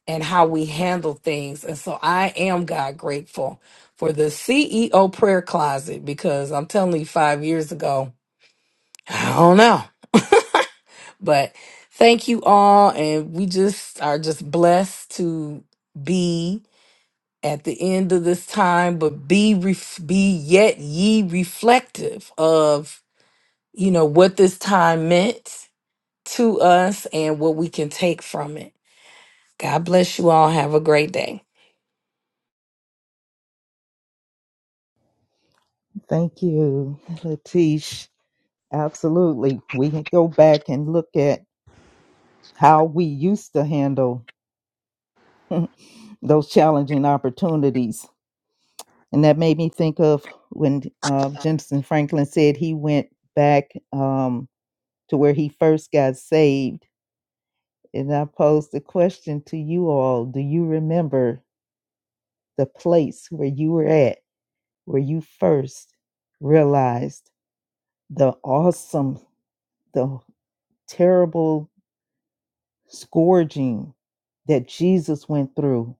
B: and how we handle things. And so, I am God grateful for the CEO prayer closet because I'm telling you, five years ago, I don't know. But thank you all. And we just are just blessed to be at the end of this time, but be ref- be yet ye reflective of, you know, what this time meant to us and what we can take from it. God bless you all. Have a great day.
C: Thank you, Latish. Absolutely. We can go back and look at how we used to handle those challenging opportunities And that made me think of when uh, Jensen Franklin said he went back um, to where he first got saved. And I posed the question to you all Do you remember the place where you were at, where you first realized the awesome, the terrible scourging that Jesus went through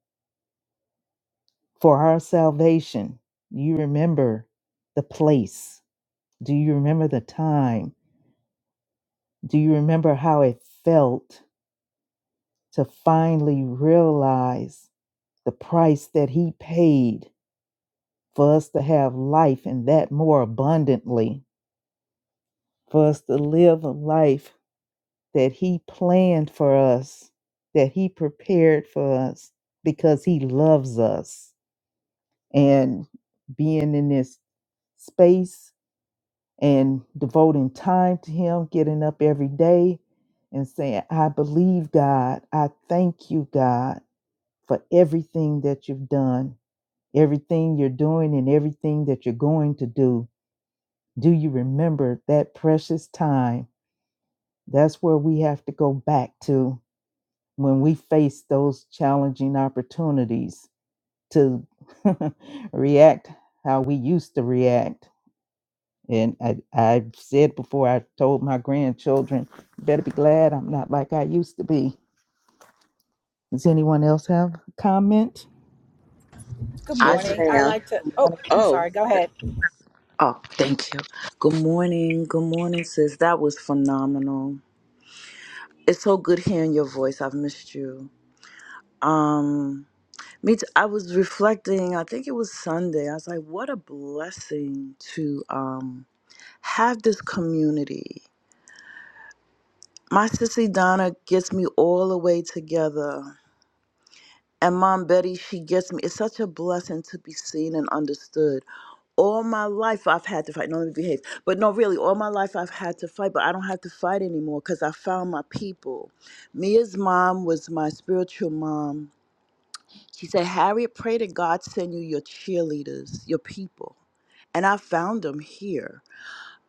C: for our salvation? Do you remember the place? Do you remember the time? Do you remember how it felt to finally realize the price that He paid for us to have life and that more abundantly, for us to live a life that He planned for us, that He prepared for us because He loves us? And being in this space and devoting time to Him, getting up every day and saying, I believe God, I thank you, God. for everything that you've done, everything you're doing, and everything that you're going to do. Do you remember that precious time? That's where we have to go back to when we face those challenging opportunities to react how we used to react. And I, I've said before, I told my grandchildren, better be glad I'm not like I used to be Does anyone else have a comment?
H: Good
I: I
J: Yes,
I: ju-
H: morning. I
J: ma'am.
H: like to. Oh, I'm
J: Oh,
H: sorry. Go ahead.
I: oh, thank you. Good morning. Good morning, sis. That was phenomenal. It's so good hearing your voice. I've missed you. Um, me too. I was reflecting. I think it was Sunday. I was like, what a blessing to um have this community. My sissy Donna gets me all the way together. And Mom Betty, she gets me. It's such a blessing to be seen and understood. All my life I've had to fight. No, let me behave. But no, really, all my life I've had to fight, but I don't have to fight anymore because I found my people. Mia's mom was my spiritual mom. She said, Harriet, pray to God send you your cheerleaders, your people. And I found them here.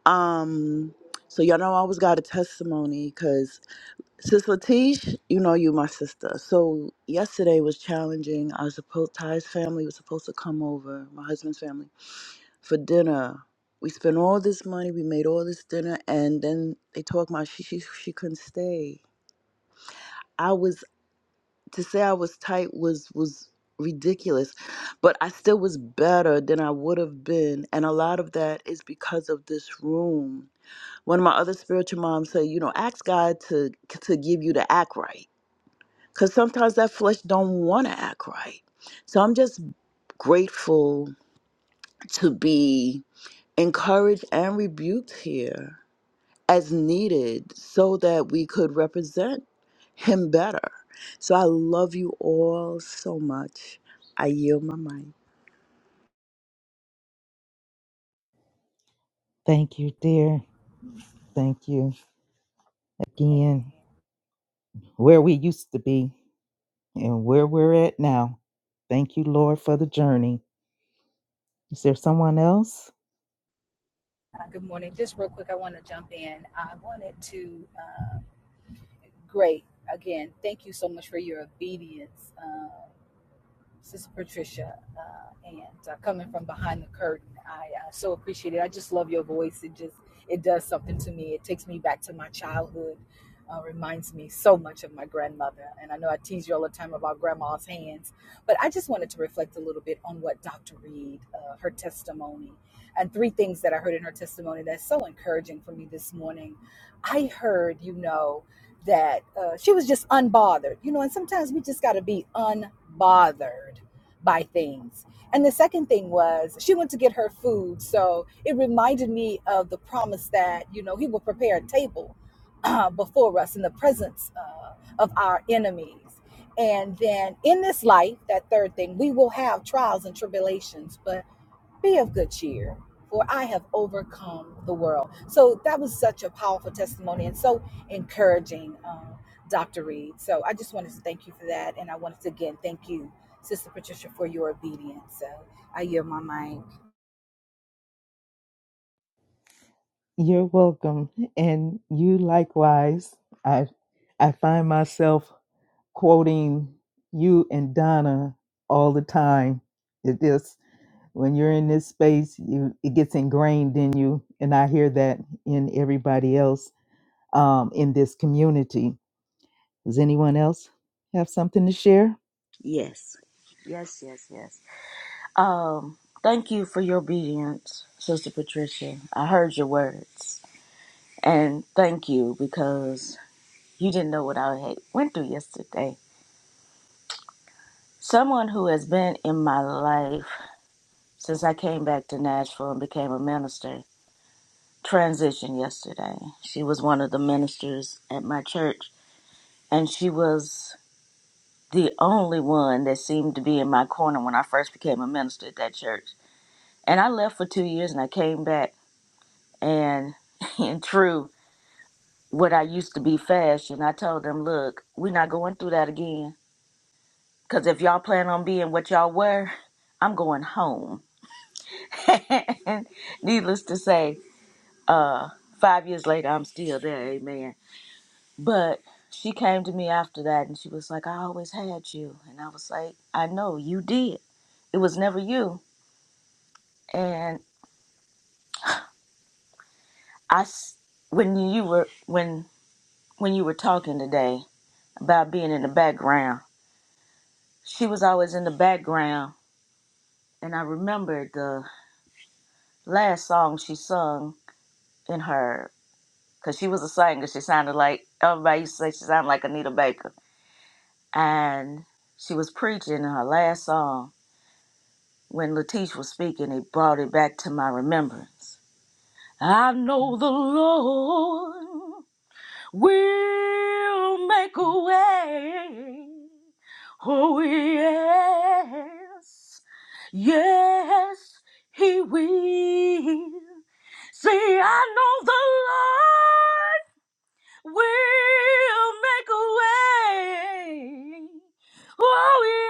I: Um, so y'all know I always got a testimony because. Sis Latish, you know you my sister. So yesterday was challenging. I was supposed Ty's family was supposed to come over, my husband's family, for dinner. We spent all this money, we made all this dinner, and then they talk about she she she couldn't stay. I was to say I was tight was was ridiculous, but I still was better than I would have been, and a lot of that is because of this room. One of my other spiritual moms said, you know, ask God to to give you the act right because sometimes that flesh don't want to act right so i'm just grateful to be encouraged and rebuked here as needed so that we could represent him better so i love you all so much i yield my mic
C: Thank you, dear. Thank you
H: Amen.
C: again. Where we used to be and where we're at now. Thank you, Lord, for the journey. Is there someone else?
H: Uh, Good morning. Just real quick, I want to jump in. I wanted to. Uh, great. Again, thank you so much for your obedience. Um, Sister Patricia, uh, and uh, coming from behind the curtain, I uh, so appreciate it. I just love your voice. It just it does something to me. It takes me back to my childhood. Uh, reminds me so much of my grandmother, and I know I tease you all the time about grandma's hands, but I just wanted to reflect a little bit on what Dr. Reed, uh, her testimony, and three things that I heard in her testimony that's so encouraging for me this morning. I heard, you know that uh, she was just unbothered, you know, and sometimes we just got to be unbothered by things. And the second thing was she went to get her food. So it reminded me of the promise that, you know, he will prepare a table uh, before us in the presence uh, of our enemies. And then in this life, that third thing, we will have trials and tribulations, but be of good cheer for i have overcome the world so that was such a powerful testimony and so encouraging um, dr reed so i just wanted to thank you for that and i wanted to again thank you sister patricia for your obedience so i yield my mind
C: You're welcome. And you likewise. I I find myself quoting you and Donna all the time. It is when you're in this space, you it gets ingrained in you. And I hear that in everybody else um, in this community. Does anyone else have something to share?
J: yes. Yes, yes, yes. Um, thank you for your obedience, Sister Patricia. I heard your words. And thank you because you didn't know what I had went through yesterday. Someone who has been in my life since I came back to Nashville and became a minister transitioned yesterday. She was one of the ministers at my church and she was the only one that seemed to be in my corner when I first became a minister at that church. And I left for two years and I came back and in true what I used to be fashion, I told them, look, we're not going through that again. Cause if y'all plan on being what y'all were, I'm going home. and needless to say, uh, five years later I'm still there, amen. But she came to me after that and she was like, I always had you and I was like, I know you did. It was never you. And I s- when you were when when you were talking today, about being in the background. She was always in the background, and I remember the last song she sung in her, because she was a singer. She sounded like everybody used to say she sounded like Anita Baker, and she was preaching in her last song. When Letitia was speaking, it brought it back to my remembrance. I know the Lord. We'll make a way. Oh, yes. Yes, He will. See, I know the Lord. We'll make a way. Oh,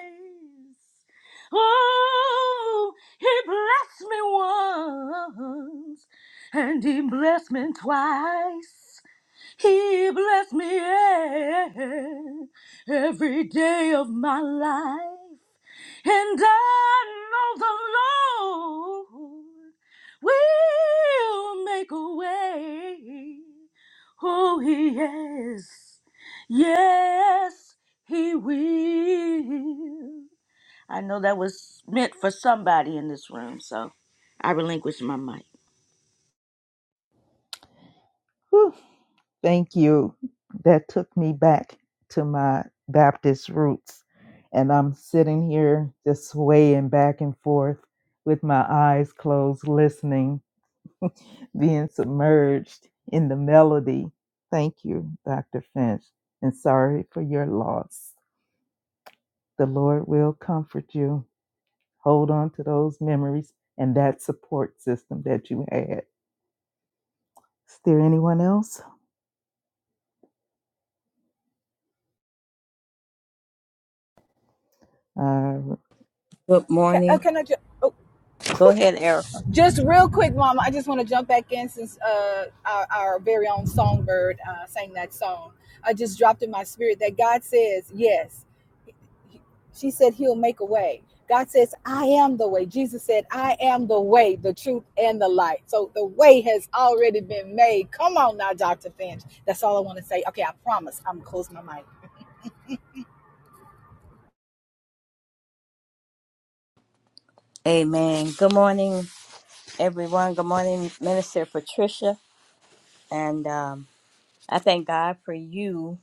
J: yes. Oh, he blessed me once, and he blessed me twice. He blessed me e- every day of my life. And I know the Lord will make a way. Oh, yes. Yes, he will. I know that was meant for somebody in this room, so I relinquish my mic.
C: Whew. Thank you. That took me back to my Baptist roots. And I'm sitting here just swaying back and forth with my eyes closed, listening, being submerged in the melody. Thank you, Dr. Finch. And sorry for your loss. The Lord will comfort you. Hold on to those memories and that support system that you had. Is there anyone else? Uh,
K: Good
H: can, oh,
K: morning.
H: can i just oh,
K: Go ahead, Eric.
H: just real quick mama i just want to jump back in since uh, our, our very own songbird uh, sang that song i just dropped in my spirit that god says yes She said, He'll make a way. God says, I am the way. Jesus said, I am the way, the truth, and the light. So the way has already been made. Come on now, Dr. Finch. That's all I want to say. Okay, I promise. I'm going to close my mic.
K: Amen. Good morning, everyone. Good morning, Minister Patricia. And um, I thank God for you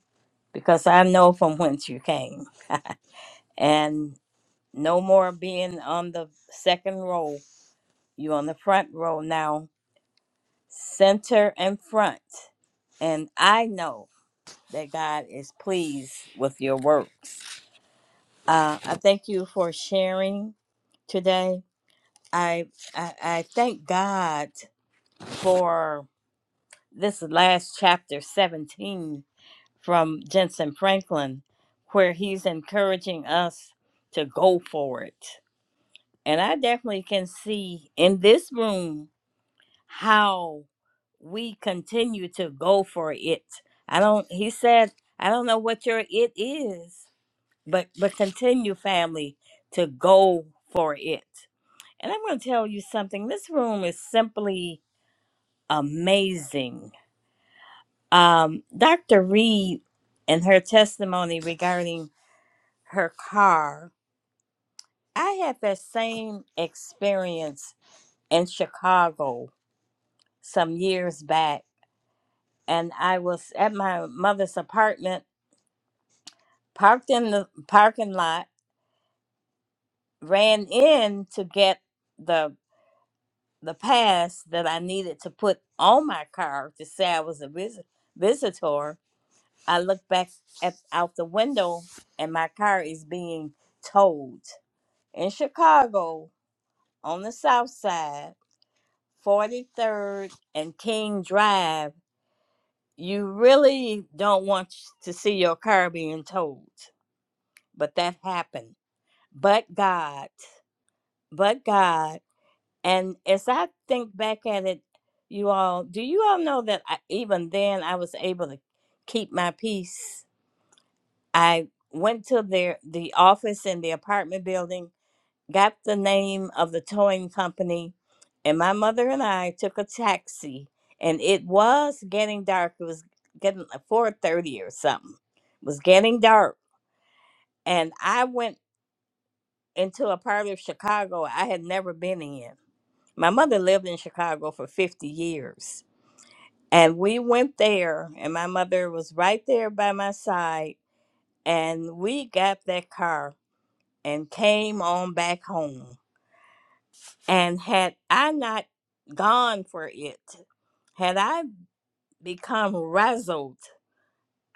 K: because I know from whence you came. and no more being on the second row. you on the front row now, center and front. And I know that God is pleased with your works. Uh, I thank you for sharing today. I, I I thank God. for this last chapter 17 from Jensen Franklin, where he's encouraging us to go for it. And I definitely can see in this room how we continue to go for it. I don't, he said, I don't know what your it is, but, but continue, family, to go for it. And I'm going to tell you something this room is simply amazing Um, Dr. Reed and her testimony regarding her car, I had that same experience in Chicago some years back, and I was at my mother's apartment, parked in the parking lot, ran in to get the the pass that I needed to put on my car to say I was a visit, visitor. I look back at out the window, and my car is being towed in Chicago on the south side, 43rd and King Drive, you really don't want to see your car being towed. But that happened. But God, but God. And as I think back at it, you all, do you all know that I, even then I was able to keep my peace? I went to their the office in the apartment building got the name of the towing company, and my mother and I took a taxi. And it was getting dark. It was getting like four thirty or something. It was getting dark, and I went into a part of Chicago I had never been in. My mother lived in Chicago for fifty years, and we went there, and my mother was right there by my side, and we got that car and came on back home And had I not gone for it, had I become razzled,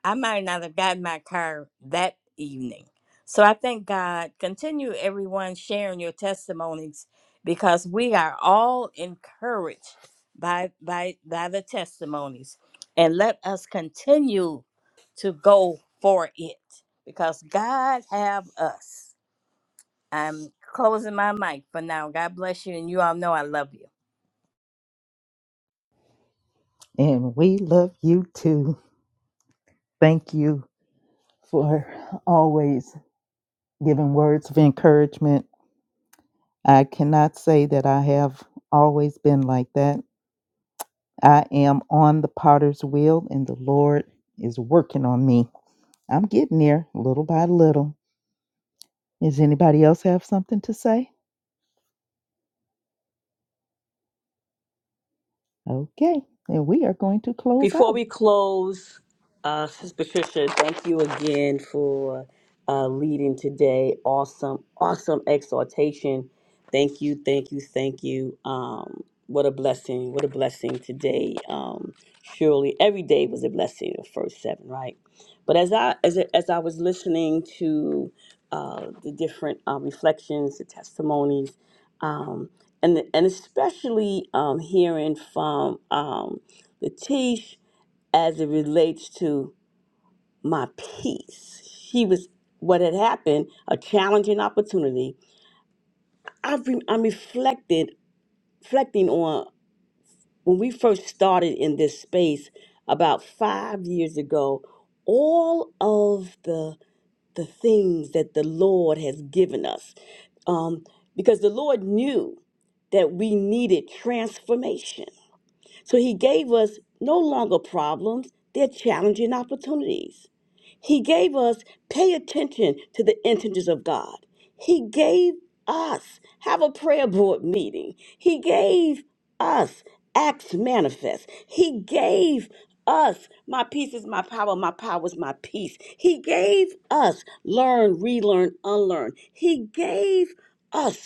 K: I might not have gotten my car that evening. So I thank God. Continue everyone sharing your testimonies because we are all encouraged by by by the testimonies. And let us continue to go for it because God have us. I'm closing my mic for now. God bless you and you all know I love you.
C: and we love you too. Thank you. for always giving words of encouragement. I cannot say that I have always been like that. I am on the potter's wheel, and the Lord is working on me. I'm getting there little by little. Does anybody else have something to say? Okay, and we are going to close
D: Before we
C: out.
D: close, uh, Sis Patricia, thank you again for uh, leading today. Awesome, awesome exhortation. Thank you, thank you, thank you. Um, what a blessing! What a blessing today. Um, surely every day was a blessing. The first seven, right? But as I as I- as I was listening to uh, the different uh, reflections, the testimonies, um, and and especially um, hearing from um, Latish as it relates to my peace. She was what had happened, a challenging opportunity. I've re- I'm reflected, reflecting on when we first started in this space about five years ago. All of the the things that the Lord has given us, um, because the Lord knew that we needed transformation So he gave us no longer problems, they're challenging opportunities. He gave us pay attention to the intentions of God. He gave us have a prayer board meeting. He gave us acts manifest. He gave us my peace is my power, my power is my peace. He gave us learn, relearn, unlearn. He gave us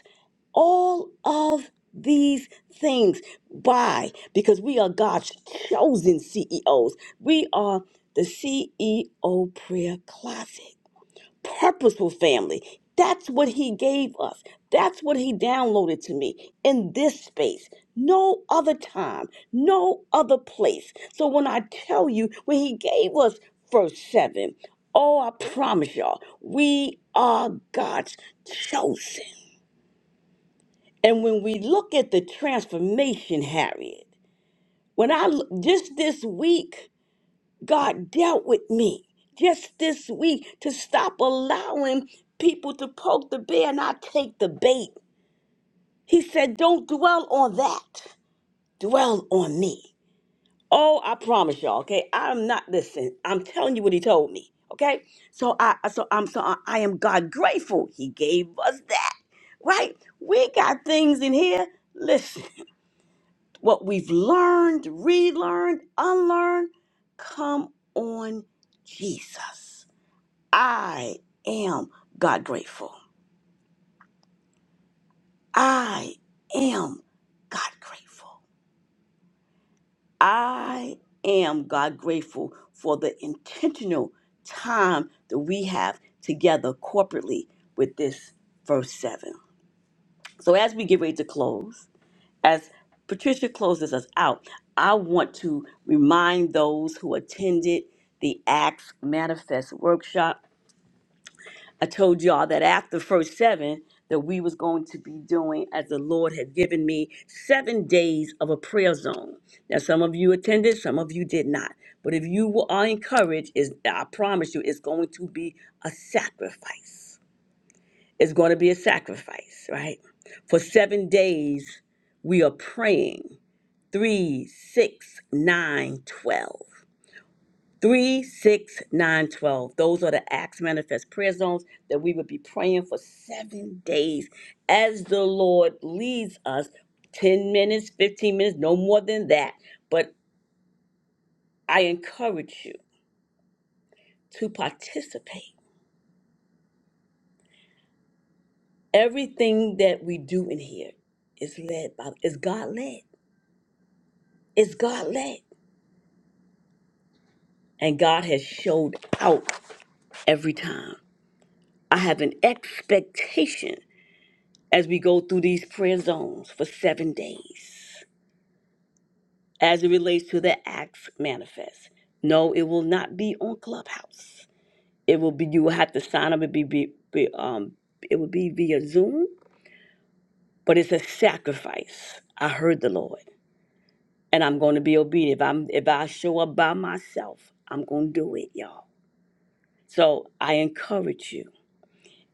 D: all of these things. Why? Because we are God's chosen CEOs. We are the CEO prayer closet, purposeful family. That's what He gave us. That's what He downloaded to me in this space. No other time, no other place. So when I tell you, when He gave us verse 7, oh, I promise y'all, we are God's chosen. And when we look at the transformation, Harriet, when I l- just this week, God dealt with me just this week to stop allowing people to poke the bear and I take the bait. He said, Don't dwell on that, dwell on me. Oh, I promise y'all, okay? I'm not listening. I'm telling you what he told me, okay? So I so I'm so I I am God grateful. He gave us that right? We got things in here. Listen. what we've learned, relearned, unlearned. Come on, Jesus. I am God grateful. I am God grateful. I am God grateful for the intentional time that we have together corporately with this verse 7. So, as we get ready to close, As Patricia closes us out, I want to remind those who attended the Acts Manifest workshop. I told y'all that after first seven that we was going to be doing as the Lord had given me seven days of a prayer zone. Now some of you attended, some of you did not. But if you are encouraged, is I promise you it's going to be a sacrifice. It's going to be a sacrifice, right? For seven days we are praying 3, 6, 9, 12. 3, 6, 9, 12. Those are the Acts Manifest prayer zones that we would be praying for seven days as the Lord leads us 10 minutes, 15 minutes, no more than that. But I encourage you to participate. Everything that we do in here is led by, is God led. It's God led. And God has showed out every time. I have an expectation as we go through these prayer zones for seven days as it relates to the acts manifest. No, it will not be on Clubhouse. It will be, you will have to sign up. It, be, be, be, um, it will be via Zoom, but it's a sacrifice. I heard the Lord, and I'm going to be obedient. If, I'm, if I show up by myself, I'm going to do it, y'all. So I encourage you.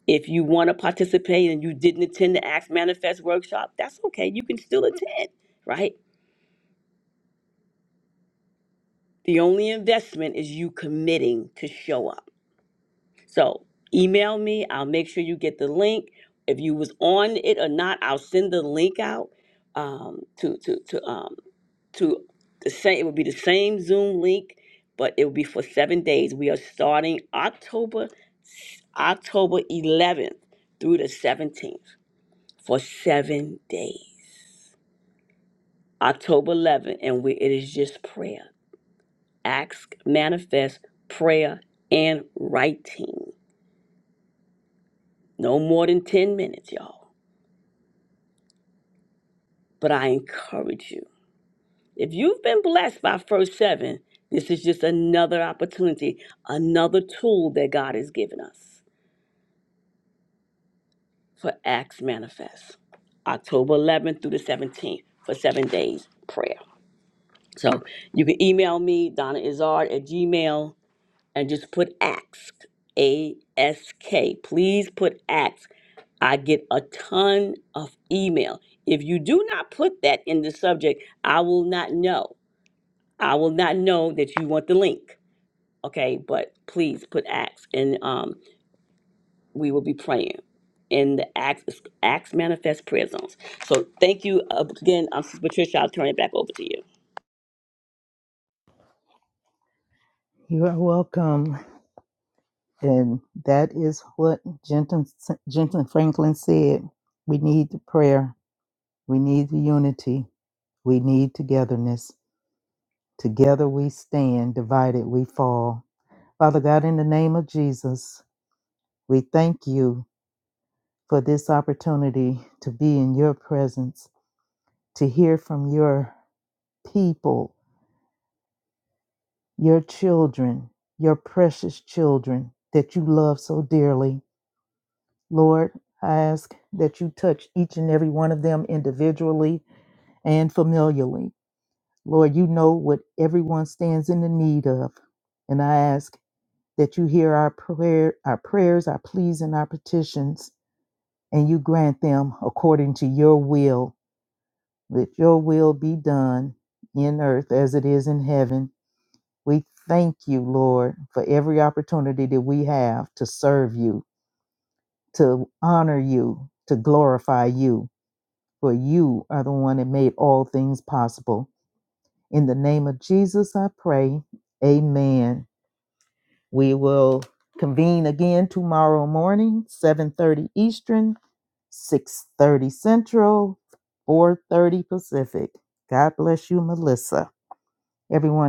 D: If you want to participate and you didn't attend the Acts Manifest workshop, that's okay. You can still attend, right? The only investment is you committing to show up. So email me. I'll make sure you get the link. If you was on it or not, I'll send the link out um, to to to um, to the same. It would be the same Zoom link, but it will be for seven days. We are starting October October 11th through the 17th for seven days. October 11th, and we, it is just prayer. ask, manifest, prayer, and writing. No more than 10 minutes, y'all. But I encourage you. If you've been blessed by First Seven, this is just another opportunity, another tool that God has given us for Acts Manifest. October 11th through the 17th for seven days prayer. So you can email me, Donna Izard at Gmail, and just put ask, A S K. Please put ask I get a ton of email. If you do not put that in the subject, I will not know. I will not know that you want the link. Okay, but please put acts and um, we will be praying in the acts, acts manifest prayer zones. So thank you uh, again, um, Sister Patricia. I'll turn it back over to you.
C: You are welcome. And that is what Jensen, Jensen Franklin said. We need the prayer, we need the unity, we need togetherness. Together we stand, divided we fall. Father God, in the name of Jesus, we thank you for this opportunity to be in your presence, to hear from your people, your children, your precious children that you love so dearly. Lord, I ask that you touch each and every one of them individually and familially. Lord, you know what everyone stands in the need of. And I ask that you hear our prayer, our prayers, our pleas, and our petitions, and you grant them according to your will. Let your will be done in earth as it is in heaven. We thank you, Lord, for every opportunity that we have to serve you, to honor you, to glorify you, for you are the one that made all things possible. In the name of Jesus, I pray. Amen. We will convene again tomorrow morning, 7:30 Eastern, 6:30 Central, 4:30 Pacific. God bless you, Melissa. Everyone